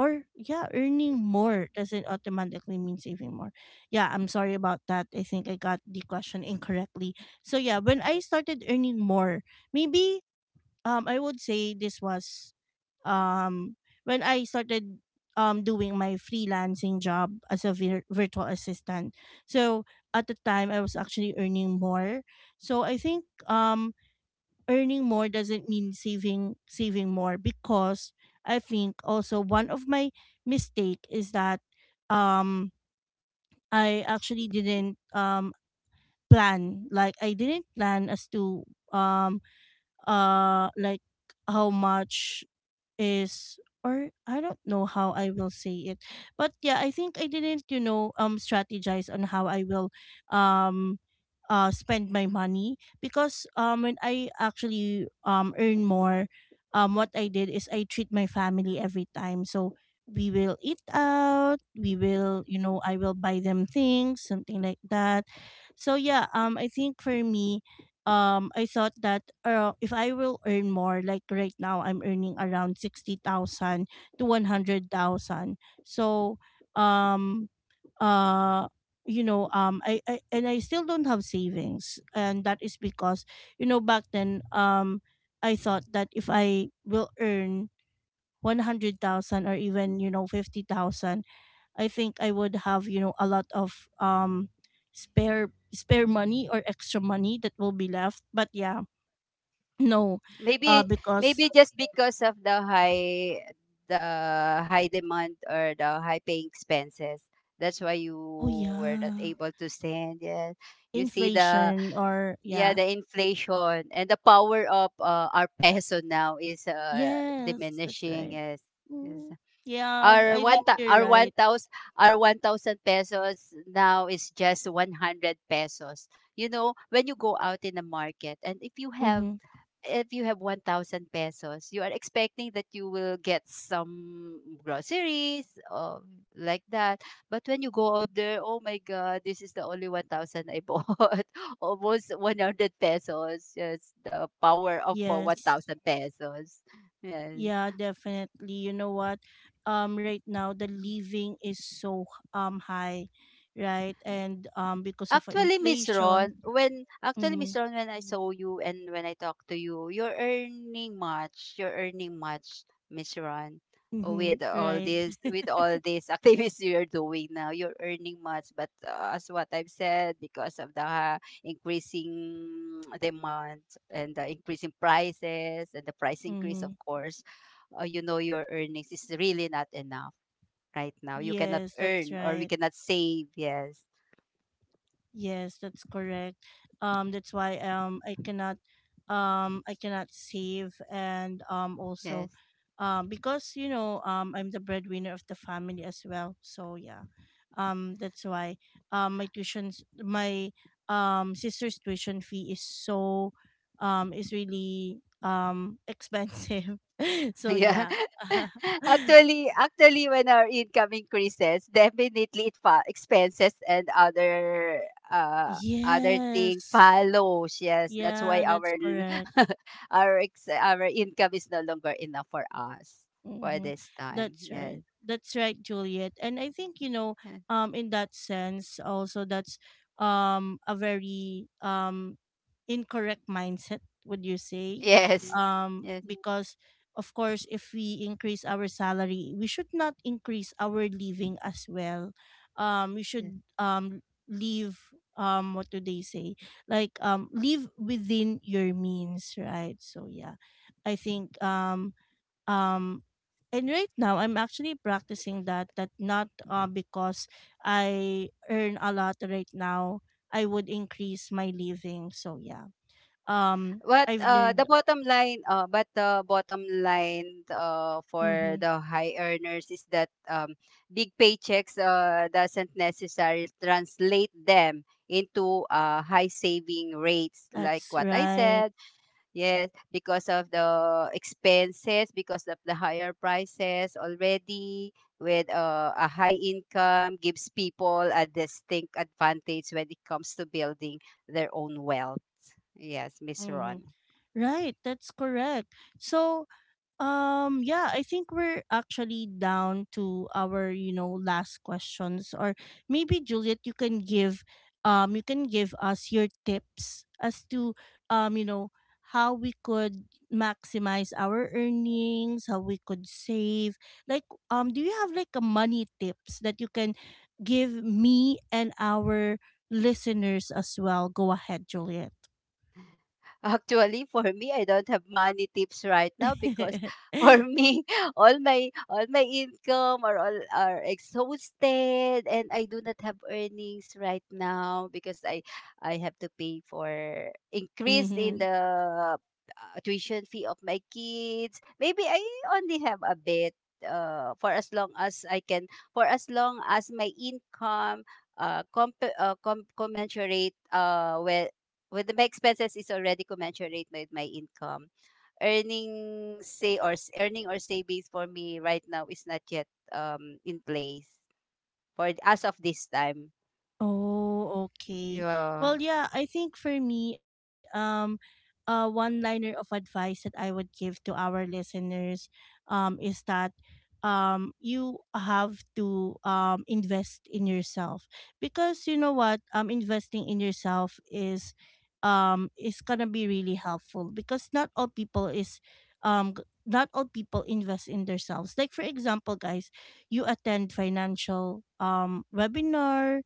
[SPEAKER 1] or yeah, earning more doesn't automatically mean saving more. Yeah, I'm sorry about that. I think I got the question incorrectly. So yeah, when I started earning more, maybe, um I would say this was um when I started um doing my freelancing job as a vir- virtual assistant. So at the time I was actually earning more. So I think um earning more doesn't mean saving saving more because I think also one of my mistake is that, um I actually didn't, um plan. Like, I didn't plan as to um uh like how much is, or I don't know how I will say it. But yeah, I think I didn't, you know, um strategize on how I will um uh spend my money, because um when I actually um earn more, um what I did is I treat my family every time. So we will eat out, we will, you know, I will buy them things, something like that. So yeah, um I think for me, um I thought that, uh, if I will earn more, like right now I'm earning around sixty thousand to one hundred thousand. So, um uh you know, um I, I and I still don't have savings, and that is because, you know, back then, um I thought that if I will earn one hundred thousand, or even, you know, fifty thousand, I think I would have, you know, a lot of um spare spare money or extra money that will be left. But yeah, no.
[SPEAKER 2] maybe
[SPEAKER 1] Uh, because,
[SPEAKER 2] Maybe just because of the high, the high demand or the high paying expenses, that's why you
[SPEAKER 1] oh
[SPEAKER 2] were not
[SPEAKER 1] yeah,
[SPEAKER 2] able to stand. Yeah, you see the,
[SPEAKER 1] inflation or
[SPEAKER 2] yeah,
[SPEAKER 1] yeah.
[SPEAKER 2] the inflation. And the power of uh, our peso now is uh,
[SPEAKER 1] Yes, that's
[SPEAKER 2] diminishing,
[SPEAKER 1] right.
[SPEAKER 2] yes, yes.
[SPEAKER 1] Mm. Yeah,
[SPEAKER 2] Our
[SPEAKER 1] I
[SPEAKER 2] one
[SPEAKER 1] think
[SPEAKER 2] thou-
[SPEAKER 1] you're
[SPEAKER 2] our
[SPEAKER 1] right.
[SPEAKER 2] one thousand, our one thousand pesos now is just one hundred pesos. You know, when you go out in the market and if you have
[SPEAKER 1] Mhm.
[SPEAKER 2] if you have one thousand pesos, you are expecting that you will get some groceries or like that. But when you go out there, oh my God, this is the only one thousand I bought. Almost one hundred pesos. Yes, the power of uh,
[SPEAKER 1] Yes.
[SPEAKER 2] one thousand pesos. Yes.
[SPEAKER 1] Yeah, definitely. You know what? Um right now the
[SPEAKER 2] Mm.
[SPEAKER 1] living is so um high, right? And um because of
[SPEAKER 2] Actually, Miss
[SPEAKER 1] inflation.
[SPEAKER 2] Ron, when actually
[SPEAKER 1] Mm-hmm.
[SPEAKER 2] Miss Ron, when I, Mm, saw you and when I talk to you, you're earning much. You're earning much, Miss Ron,
[SPEAKER 1] Mm-hmm.
[SPEAKER 2] with all, Mm,
[SPEAKER 1] Right.
[SPEAKER 2] this, with all these activities you're doing now. You're earning much, but uh, as what I've said, because of the uh, increasing demand and the increasing prices and the price increase,
[SPEAKER 1] Mm-hmm.
[SPEAKER 2] of course, uh, you know your earnings is really not enough right now. You cannot
[SPEAKER 1] Yes, that's
[SPEAKER 2] earn, or we
[SPEAKER 1] right.
[SPEAKER 2] cannot save. Yes,
[SPEAKER 1] Yes, that's correct. Um, that's why um I cannot um I cannot save, and um also,
[SPEAKER 2] yes.
[SPEAKER 1] um because, you know, um I'm the breadwinner of the family as well. So yeah. Um, that's why um my tuition's, my um sister's tuition fee is so um is really um expensive. So
[SPEAKER 2] Yeah.
[SPEAKER 1] yeah.
[SPEAKER 2] Actually, actually, when our income increases, definitely it fa- expenses and other uh other thing
[SPEAKER 1] Yes.
[SPEAKER 2] follows. Yes, that's why
[SPEAKER 1] Yeah, that's
[SPEAKER 2] our
[SPEAKER 1] correct.
[SPEAKER 2] l- our ex- our income is no longer enough for us for
[SPEAKER 1] Mm-hmm.
[SPEAKER 2] this time.
[SPEAKER 1] That's
[SPEAKER 2] Yes.
[SPEAKER 1] right. That's right, Juliet. And I think, you know, um, in that sense, also, that's um a very um incorrect mindset. Would you say?
[SPEAKER 2] Yes.
[SPEAKER 1] Um,
[SPEAKER 2] Yes.
[SPEAKER 1] because of course, if we increase our salary, we should not increase our living as well. Um, we
[SPEAKER 2] Yes.
[SPEAKER 1] should um leave, um what do they say, like, um live within your means, right? So yeah, I think um um, and right now, I'm actually practicing that. That, not uh, because I earn a lot right now, I would increase my living. So yeah, um,
[SPEAKER 2] But
[SPEAKER 1] I've
[SPEAKER 2] uh,
[SPEAKER 1] learned.
[SPEAKER 2] the bottom line, uh, but the bottom line uh,
[SPEAKER 1] Mm-hmm,
[SPEAKER 2] for the high earners is that um, big paychecks uh, doesn't necessarily translate them into uh, high saving rates, like
[SPEAKER 1] that's
[SPEAKER 2] what I
[SPEAKER 1] right.
[SPEAKER 2] said. Yes, because of the expenses, because of the higher prices already. With uh, a high income, gives people a distinct advantage when it comes to building their own wealth. Yes, Miss
[SPEAKER 1] Mm-hmm.
[SPEAKER 2] Ron.
[SPEAKER 1] Right, that's correct. So, Um yeah, I think we're actually down to our, you know, last questions. Or maybe, Juliet, you can give, um you can give us your tips as to, um you know, how we could maximize our earnings, how we could save. Like, um do you have like a money tips that you can give me and our listeners as well? Go ahead, Juliet.
[SPEAKER 2] Actually, for me, I don't have money tips right now, because for me, all my all my income are all are exhausted, and I do not have earnings right now, because I I have to pay for increase in
[SPEAKER 1] Mhm.
[SPEAKER 2] the uh, tuition fee of my kids. Maybe I only have a bit. Uh, for as long as I can, for as long as my income uh, comp- uh, com- commensurate uh, with with my expenses is already commensurate with my income. Earning say or s- earning or savings for me right now is not yet um in place for as of this time.
[SPEAKER 1] Oh, okay.
[SPEAKER 2] Yeah.
[SPEAKER 1] Well, yeah, I think for me, um, uh, one liner of advice that I would give to our listeners, um, is that, um, you have to um invest in yourself, because, you know what, um, investing in yourself is, um, is gonna be really helpful, because not all people is, um. g- not all people invest in themselves. Like, for example, guys, you attend financial um webinar,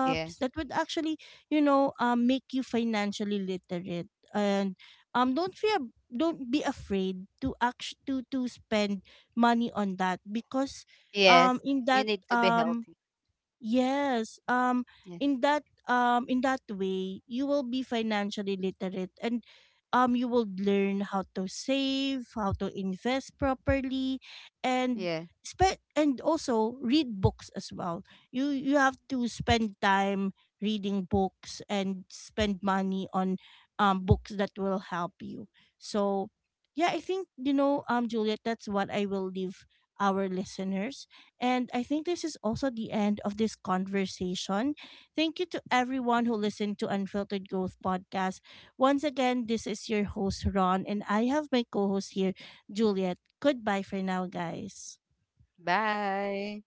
[SPEAKER 2] Yes.
[SPEAKER 1] that would actually, you know, um, make you financially literate. And um, don't fear, don't be afraid to act, to to spend money on that, because um,
[SPEAKER 2] Yes.
[SPEAKER 1] in
[SPEAKER 2] You
[SPEAKER 1] that
[SPEAKER 2] need to be
[SPEAKER 1] um,
[SPEAKER 2] healthy.
[SPEAKER 1] yes. Um,
[SPEAKER 2] Yeah.
[SPEAKER 1] in that um in that way you will be financially literate, and um you will learn how to save, how to invest properly, and
[SPEAKER 2] Yeah.
[SPEAKER 1] spe- and also read books as well. You you have to spend time reading books and spend money on um books that will help you. So yeah, I think, you know, um Juliet, that's what I will leave our listeners, and I think this is also the end of this conversation. Thank you to everyone who listened to Unfiltered Growth Podcast. Once again, this is your host, Ron, and I have my co host here, Juliet. Goodbye for now, guys.
[SPEAKER 2] Bye.